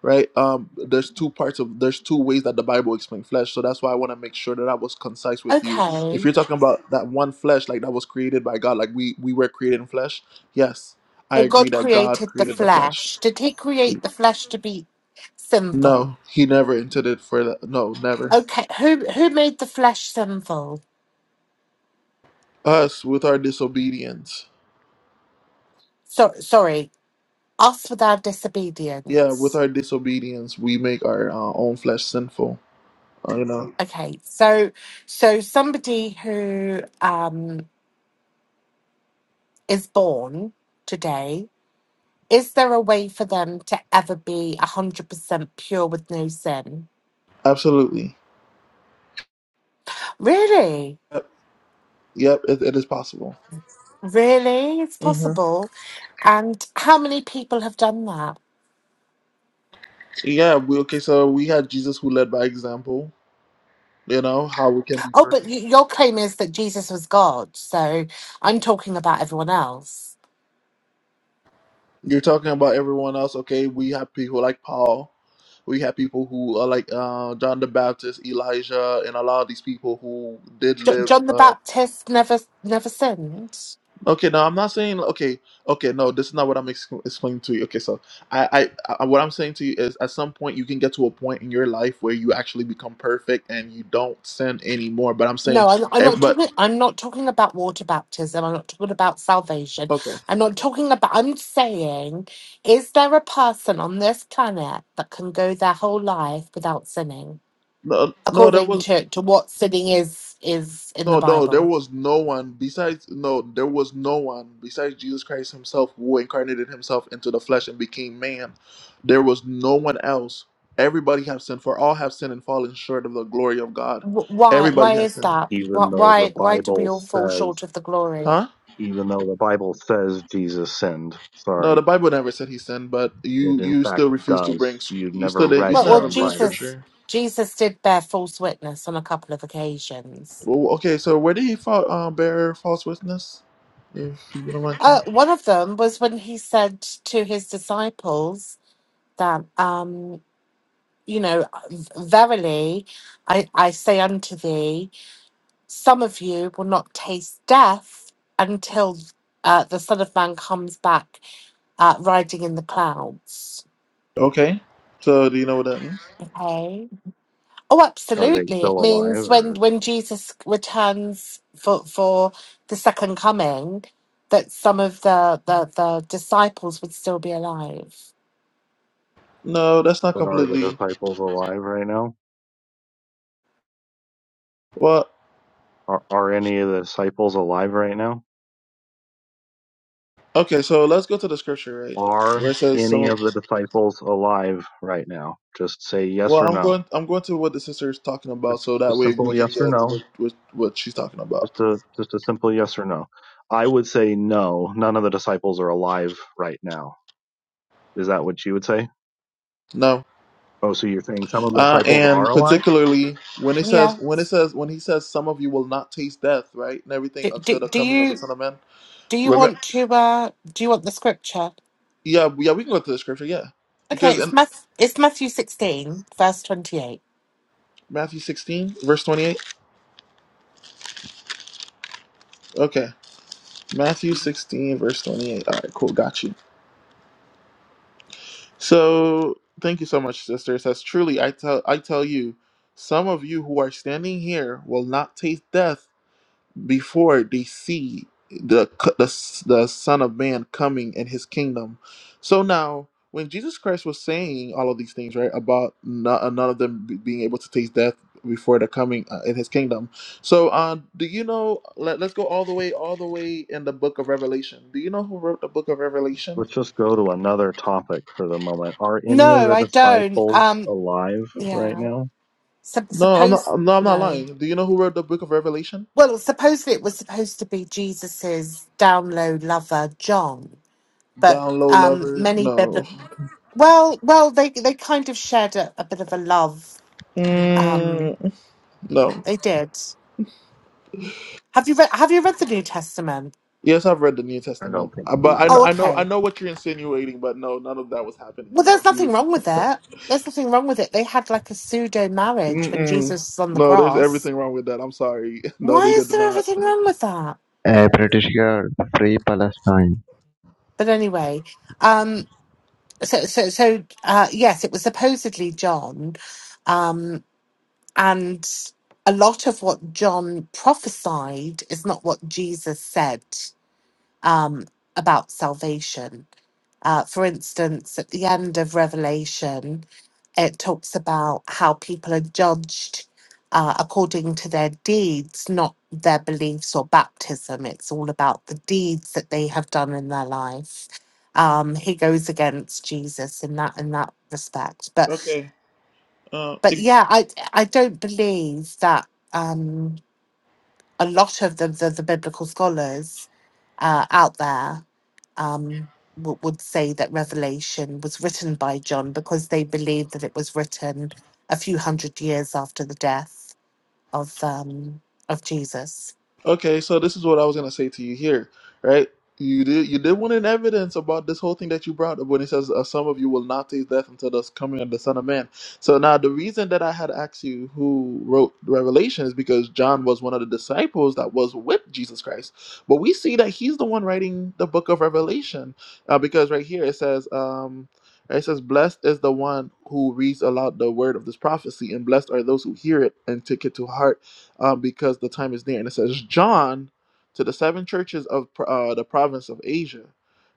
Speaker 1: right um there's two parts of there's two ways that the Bible explains flesh so that's why I want to make sure that I was concise with you. If
Speaker 4: Okay.
Speaker 1: you're talking about that one flesh like that was created by God like we we were created in flesh yes I
Speaker 4: So
Speaker 1: agree
Speaker 4: God
Speaker 1: that God
Speaker 4: created the
Speaker 1: created the flesh
Speaker 4: flesh. Did He create the flesh to be sinful?
Speaker 1: no, he never intended for that. No, never.
Speaker 4: Okay. Who who made the flesh sinful?
Speaker 1: Us, with our disobedience.
Speaker 4: So sorry, us with our
Speaker 1: Yeah, with
Speaker 4: disobedience.
Speaker 1: our disobedience, we make our uh, own flesh sinful. Uh, you know,
Speaker 4: Okay. So so somebody who um is born today. Is there a way for them to ever be 100% pure with no sin?
Speaker 1: absolutely.
Speaker 4: Really?
Speaker 1: Yep, yep it, it is possible.
Speaker 4: Really? It's
Speaker 1: hmm
Speaker 4: possible. And how many people have done that?
Speaker 1: Yeah, we, okay, so we had Jesus who led by example, you know, how we can be
Speaker 4: Oh, but
Speaker 1: perfect.
Speaker 4: y- your claim is that Jesus was God, so I'm talking about everyone else.
Speaker 1: You're talking about everyone else, okay? We have people like Paul. We have people who are like uh, John the Baptist, Elijah, and a lot of these people who did
Speaker 4: Jo-
Speaker 1: live.
Speaker 4: John the
Speaker 1: Uh,
Speaker 4: Baptist never never sinned.
Speaker 1: Okay, no, I'm not saying okay, okay, no, this is not what I'm ex- explaining to you. Okay, so I, I, I, what I'm saying to you is, at some point, you can get to a point in your life where you actually become perfect and you don't sin anymore. But I'm saying,
Speaker 4: No, I'm, I'm
Speaker 1: ev-
Speaker 4: not
Speaker 1: but
Speaker 4: talking. I'm not talking about water baptism. I'm not talking about salvation.
Speaker 1: okay,
Speaker 4: I'm not talking about. I'm saying, is there a person on this planet that can go their whole life without sinning,
Speaker 1: no, no, there
Speaker 4: according
Speaker 1: was
Speaker 4: to to what sinning is is in the
Speaker 1: no, no, there
Speaker 4: Bible?
Speaker 1: was no one besides no, there was no one besides Jesus Christ Himself who incarnated Himself into the flesh and became man. There was no one else. Everybody have sinned, for all have sinned and fallen short of the glory of God.
Speaker 4: Wh- Why? Why
Speaker 1: Everybody has
Speaker 4: is
Speaker 1: sinned,
Speaker 4: that?
Speaker 2: Even
Speaker 4: Wh-
Speaker 2: though the
Speaker 4: Why? Why do we
Speaker 2: Bible
Speaker 4: all fall
Speaker 2: says
Speaker 4: short of the glory?
Speaker 1: huh?
Speaker 2: even though the Bible says Jesus sinned.
Speaker 1: No, the
Speaker 2: Sorry.
Speaker 1: Bible never said he sinned, but you
Speaker 2: It in
Speaker 1: you
Speaker 2: fact
Speaker 1: still refuse to bring.
Speaker 2: does. You
Speaker 1: You still
Speaker 2: never
Speaker 1: didn't. You
Speaker 2: read
Speaker 4: Well,
Speaker 1: still
Speaker 2: your
Speaker 4: well,
Speaker 1: haven't
Speaker 2: own
Speaker 1: bring
Speaker 2: Bible.
Speaker 4: Jesus,
Speaker 1: scripture.
Speaker 4: Jesus did bear false witness on a couple of occasions.
Speaker 1: Well, okay, so where did he fall, um, bear false witness? If you don't like him.
Speaker 4: Uh, one of them was when he said to his disciples that, um, you know, verily, I, I say unto thee, some of you will not taste death until uh, the Son of Man comes back uh, riding in the clouds.
Speaker 1: Okay. So do you know what that means?
Speaker 4: Okay Oh,
Speaker 2: Are they
Speaker 4: absolutely. It
Speaker 2: still alive
Speaker 4: means when
Speaker 2: or
Speaker 4: when Jesus returns for for the second coming, that some of the the, the disciples would still be alive.
Speaker 1: No, that's not
Speaker 2: but are the
Speaker 1: completely.
Speaker 2: disciples alive right now?
Speaker 1: Well,
Speaker 2: Are are any of the disciples alive right now?
Speaker 1: okay, so let's go to the scripture, right? Where
Speaker 2: Are
Speaker 1: it says some.
Speaker 2: any
Speaker 1: of-
Speaker 2: of the disciples alive right now? Just say yes
Speaker 1: Well,
Speaker 2: or
Speaker 1: I'm
Speaker 2: no.
Speaker 1: going. I'm going to what the sister is talking about,
Speaker 2: Just
Speaker 1: so that
Speaker 2: just
Speaker 1: way we
Speaker 2: simple
Speaker 1: can
Speaker 2: yes or
Speaker 1: get what
Speaker 2: no.
Speaker 1: what, what she's talking
Speaker 2: Just
Speaker 1: about.
Speaker 2: a just a simple yes or no. I would say no, none of the disciples are alive right now. Is that what you would say?
Speaker 1: No.
Speaker 2: Oh, so you're saying some of the
Speaker 1: Uh,
Speaker 2: disciples are
Speaker 1: and
Speaker 2: alive?
Speaker 1: particularly when it says
Speaker 4: Yeah.
Speaker 1: when it says when he says some of you will not taste death, right, and everything
Speaker 4: Do, do,
Speaker 1: until the
Speaker 4: do
Speaker 1: coming of the
Speaker 4: you
Speaker 1: Son of Man.
Speaker 4: do you
Speaker 1: Remember,
Speaker 4: want to uh do you want the scripture?
Speaker 1: yeah, yeah, we can go to the scripture, yeah,
Speaker 4: Okay,
Speaker 1: because
Speaker 4: it's
Speaker 1: in
Speaker 4: Math it's Matthew 16, verse 28.
Speaker 1: Matthew sixteen verse twenty eight. Okay, Matthew sixteen verse twenty eight. All right, cool, got you. So thank you so much, sister. It says truly, I tell I tell you, some of you who are standing here will not taste death before they see the, c- the s- the Son of Man coming in His kingdom. So now, when Jesus Christ was saying all of these things, right, about no- uh, none of them be- being able to taste death before the coming uh, in His kingdom. So, uh, do you know? Let, let's go all the way, all the way in the Book of Revelation. Do you know who wrote the Book of Revelation?
Speaker 2: let's just go to another topic for the moment. Are any of
Speaker 4: No,
Speaker 2: the
Speaker 4: I don't.
Speaker 2: disciples
Speaker 4: Um
Speaker 2: alive right
Speaker 4: yeah.
Speaker 2: now?
Speaker 4: Sup-
Speaker 1: No, I'm
Speaker 4: suppose
Speaker 1: not. No, I'm not
Speaker 4: no.
Speaker 1: lying. Do you know who wrote the Book of Revelation?
Speaker 4: Well, supposedly it was supposed to be Jesus's down low lover, John, but
Speaker 1: Down low
Speaker 4: um
Speaker 1: lover.
Speaker 4: many bib
Speaker 1: No.
Speaker 4: Well, well, they they kind of shared a, a bit of a love. Um,
Speaker 1: Mm, no.
Speaker 4: they did. Have you read Have you read the New Testament?
Speaker 1: Yes, I've read the New
Speaker 2: I
Speaker 1: Testament,
Speaker 2: don't think
Speaker 1: Uh, but
Speaker 2: he
Speaker 1: I know,
Speaker 4: Oh,
Speaker 1: I
Speaker 2: has.
Speaker 1: know, I
Speaker 4: okay.
Speaker 1: know what you're insinuating. But no, none of that was happening.
Speaker 4: Well,
Speaker 1: No,
Speaker 4: there's nothing
Speaker 1: Jesus.
Speaker 4: wrong with it. There's nothing wrong with it. They had like a pseudo marriage when
Speaker 1: Mm-mm.
Speaker 4: Jesus was on the
Speaker 1: No, there's
Speaker 4: cross.
Speaker 1: everything wrong with that. I'm sorry. No,
Speaker 4: Why
Speaker 1: they
Speaker 4: is
Speaker 1: did
Speaker 4: there
Speaker 1: not.
Speaker 4: everything wrong with that?
Speaker 7: A British Girl, Free Palestine!
Speaker 4: But anyway, um, so so so uh, yes, it was supposedly John, um, and a lot of what John prophesied is not what Jesus said. um, about salvation. Uh, for instance, at the end of Revelation, it talks about how people are judged uh, according to their deeds, not their beliefs or baptism. It's all about the deeds that they have done in their life. Um, he goes against Jesus in that in that respect. But
Speaker 1: Okay. Uh,
Speaker 4: but yeah, I I don't believe that um, a lot of the, the the biblical scholars uh, out there um, w- would say that Revelation was written by John because they believe that it was written a few hundred years after the death of um, of Jesus.
Speaker 1: Okay, so this is what I was gonna say to you here, right? You did you did want an evidence about this whole thing that you brought up when it says uh, some of you will not taste death until the coming of the Son of Man. So now the reason that I had asked you who wrote Revelation is because John was one of the disciples that was with Jesus Christ, but we see that he's the one writing the book of Revelation uh, because right here it says. Um, it says, Blessed is the one who reads aloud the word of this prophecy, and blessed are those who hear it and take it to heart um, because the time is near. And it says, John to the seven churches of uh, the province of Asia,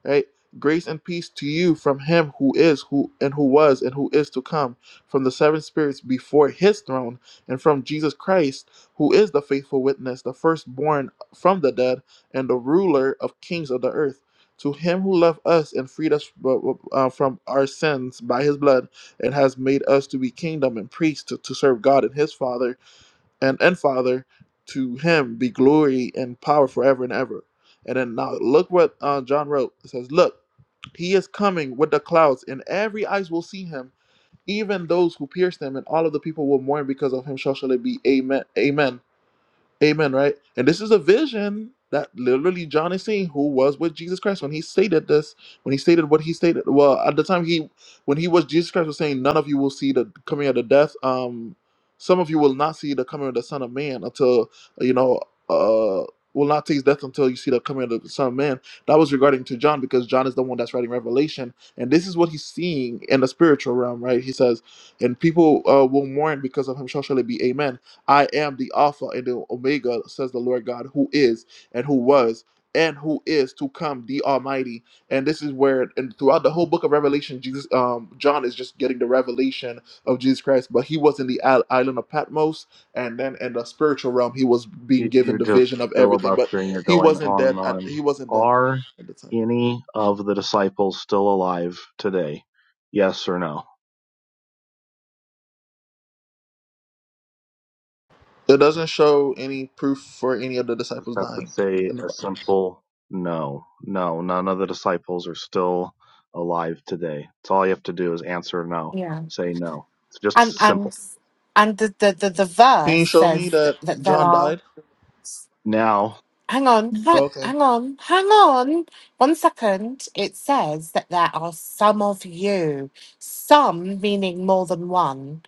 Speaker 1: right? Grace and peace to you from him who is, who and who was, and who is to come, from the seven spirits before his throne, and from Jesus Christ, who is the faithful witness, the firstborn from the dead, and the ruler of kings of the earth. To him who loved us and freed us uh, uh, from our sins by his blood, and has made us to be kingdom and priests to, to serve God and his Father, and, and Father, to him be glory and power forever and ever. And then now look what uh, John wrote. It says, Look, he is coming with the clouds, and every eyes will see him, even those who pierced him, and all of the people will mourn because of him. Shall shall it be? Amen. Amen. Amen, right? And this is a vision that literally John is seeing who was with Jesus Christ when he stated this, when he stated what he stated. Well, at the time he when he was Jesus Christ was saying, None of you will see the coming of the death. Um some of you will not see the coming of the Son of Man until you know uh will not taste death until you see the coming of the Son of Man. That was regarding to John because John is the one that's writing Revelation. And this is what he's seeing in the spiritual realm, right? He says, and people uh, will mourn because of him so shall surely be amen I am the Alpha and the Omega, says the Lord God, who is and who was and who is to come, the Almighty. And this is where, and throughout the whole book of Revelation, Jesus, um, John is just getting the revelation of Jesus Christ. But he was in the isl- island of Patmos, and then in the spiritual realm, he was being
Speaker 2: You-
Speaker 1: given
Speaker 2: are
Speaker 1: the
Speaker 2: just
Speaker 1: vision of everything. But
Speaker 2: filibustering. You're
Speaker 1: he
Speaker 2: going
Speaker 1: wasn't
Speaker 2: on
Speaker 1: dead.
Speaker 2: and
Speaker 1: At,
Speaker 2: on.
Speaker 1: he wasn't dead
Speaker 2: Are
Speaker 1: at the time.
Speaker 2: any of the disciples still alive today? Yes or no?
Speaker 1: It doesn't show any proof for any of the
Speaker 2: Just
Speaker 1: disciples
Speaker 2: have to
Speaker 1: dying.
Speaker 2: say
Speaker 1: In the
Speaker 2: a
Speaker 1: Bible.
Speaker 2: simple no. No, none of the disciples are still alive today. That's all you have to do is answer no.
Speaker 4: Yeah,
Speaker 2: Say no. It's just
Speaker 4: and
Speaker 2: simple.
Speaker 4: and and the the the, the
Speaker 1: Can
Speaker 4: verse
Speaker 1: you show me
Speaker 4: says that,
Speaker 1: that
Speaker 4: that there
Speaker 1: John
Speaker 4: Mhm.
Speaker 1: died?
Speaker 2: Now,
Speaker 4: Hang on, hang,
Speaker 1: Okay.
Speaker 4: hang on, hang on. One second. It says that there are some of you, some meaning more than one.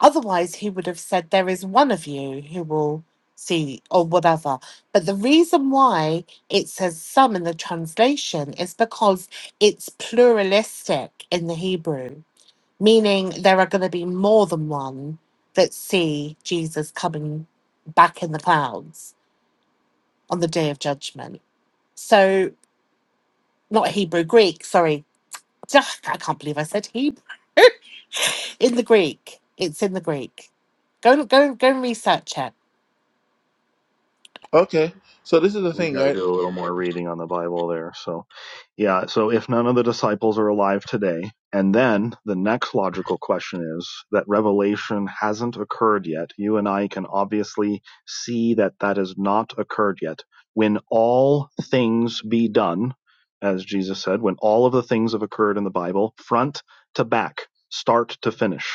Speaker 4: Otherwise, he would have said there is one of you who will see or whatever. But the reason why it says some in the translation is because it's pluralistic in the Hebrew, meaning there are going to be more than one that see Jesus coming back in the clouds on the day of judgment so, not Hebrew, Greek, sorry. Duh, I can't believe I said Hebrew. In the Greek. It's in the Greek. Go go go and research it.
Speaker 1: Okay. So this is the
Speaker 2: You've
Speaker 1: thing,
Speaker 2: got to
Speaker 1: right?
Speaker 2: do a little more reading on the Bible there. So, yeah. So, if none of the disciples are alive today, and then the next logical question is that revelation hasn't occurred yet. You and I can obviously see that that has not occurred yet. When all things be done, as Jesus said, when all of the things have occurred in the Bible, front to back, start to finish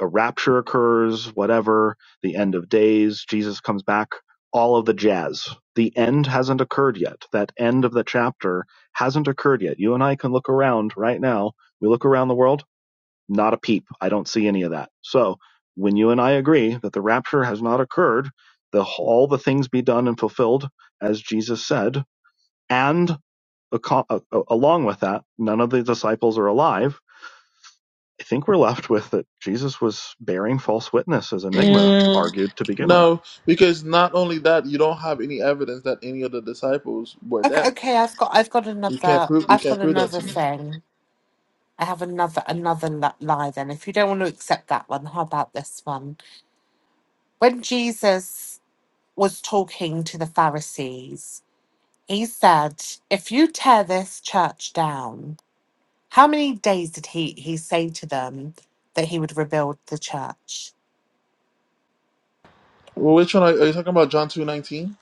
Speaker 2: a rapture occurs, whatever, the end of days, Jesus comes back, all of the jazz. The end hasn't occurred yet. That end of the chapter hasn't occurred yet. You and I can look around right now. We look around the world, not a peep. I don't see any of that. So when you and I agree that the rapture has not occurred, the, all the things be done and fulfilled, as Jesus said, and aco- a- a- along with that, none of the disciples are alive I think we're left with that Jesus was bearing false witness, as Enigma
Speaker 1: Mm,
Speaker 2: argued to begin with.
Speaker 1: No, because not only that, you don't have any evidence that any of the disciples were
Speaker 4: Okay,
Speaker 1: dead.
Speaker 4: okay, I've got I've got
Speaker 1: You can't
Speaker 4: another
Speaker 1: prove you
Speaker 4: I've
Speaker 1: can't
Speaker 4: got
Speaker 1: prove that
Speaker 4: another
Speaker 1: to me.
Speaker 4: thing. I have another another li- lie then. If you don't want to accept that one, how about this one? When Jesus was talking to the Pharisees, he said, "If you tear this church down, how many days did he he say to them that he would rebuild the church?"
Speaker 1: Well, which one are, are you talking about? John two nineteen?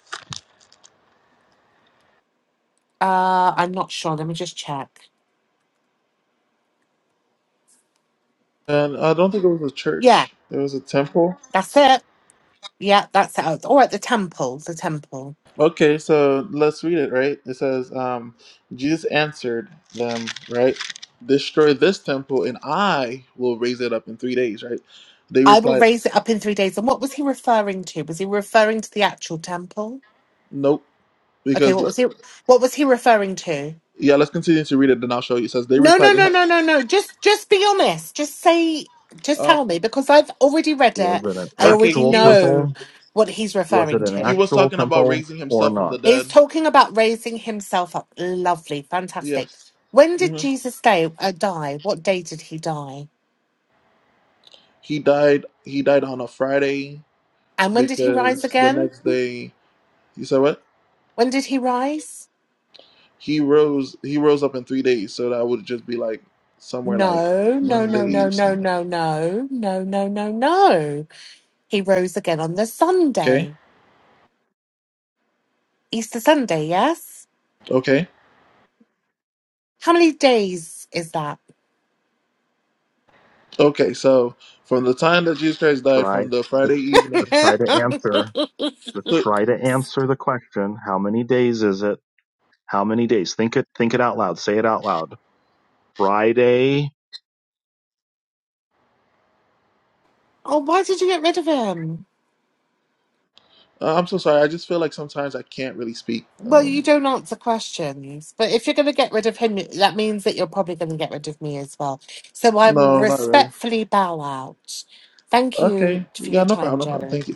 Speaker 4: Uh, I'm not sure. Let me just check.
Speaker 1: And I don't think it was a
Speaker 4: Yeah,
Speaker 1: church. It was a temple.
Speaker 4: that's it. Yeah, that's it. Oh, All right, the temple, the temple.
Speaker 1: Okay, so let's read it. Right? It says, um, Jesus answered them. Right? Destroy this temple, and I will raise it up in three days. Right? They
Speaker 4: I will
Speaker 1: replied,
Speaker 4: raise it up in three days. And what was he referring to? Was he referring to the actual temple?
Speaker 1: Nope.
Speaker 4: Okay,
Speaker 1: Because
Speaker 4: what was he? What was he referring to?
Speaker 1: yeah, let's continue to read it. Then I'll show you. It says they
Speaker 4: No, no,
Speaker 1: replied.
Speaker 4: no, no, no, no. Just, just be honest. Just say, just
Speaker 1: Uh,
Speaker 4: tell me because I've already read
Speaker 2: Was
Speaker 4: it.
Speaker 2: it an
Speaker 4: I
Speaker 1: okay,
Speaker 4: already
Speaker 2: actual
Speaker 1: he was
Speaker 4: know
Speaker 2: temple?
Speaker 4: what he's
Speaker 2: Was it
Speaker 4: referring
Speaker 2: an
Speaker 1: he
Speaker 4: to.
Speaker 1: was
Speaker 2: actual
Speaker 1: talking about
Speaker 2: temple
Speaker 1: raising
Speaker 2: or
Speaker 1: himself from
Speaker 2: not?
Speaker 1: the
Speaker 4: He's
Speaker 1: dead.
Speaker 4: talking about raising himself up. Lovely, fantastic.
Speaker 1: Yes.
Speaker 4: When did
Speaker 1: hmm
Speaker 4: Jesus day, uh, die? What day did he die?
Speaker 1: He died. He died on a Friday
Speaker 4: And when did he rise
Speaker 1: because the
Speaker 4: again?
Speaker 1: next day you said what?
Speaker 4: When did he rise?
Speaker 1: He rose. He rose up in three days, so that would just be like somewhere like
Speaker 4: No, no, no,
Speaker 1: Monday.
Speaker 4: no, no,
Speaker 1: Sunday.
Speaker 4: no, no, no, no, no, no. He rose again on the
Speaker 1: Okay.
Speaker 4: Sunday, Easter Sunday, yes?
Speaker 1: Okay.
Speaker 4: How many days is that?
Speaker 1: Okay. So from the time that Jesus Christ died,
Speaker 2: Try
Speaker 1: from the Friday
Speaker 2: just just
Speaker 1: evening.
Speaker 2: try to answer.
Speaker 4: oh,
Speaker 2: Just
Speaker 1: So
Speaker 2: try to answer the question. How many days is it? How many days? Think it think it out loud. Say it out loud. Friday
Speaker 4: why did you get rid of him?
Speaker 1: uh, I'm so sorry. I just feel like sometimes I can't really speak.
Speaker 4: Well,
Speaker 1: Um,
Speaker 4: you don't answer questions, but if you're going to get rid of him, that means that you're probably going to get rid of me as well. So I will
Speaker 1: no, not really.
Speaker 4: respectfully bow out. Thank
Speaker 1: Okay.
Speaker 4: you for
Speaker 1: Yeah.
Speaker 4: your
Speaker 1: No
Speaker 4: time,
Speaker 1: problem. No problem.
Speaker 4: Jerry.
Speaker 1: Thank you.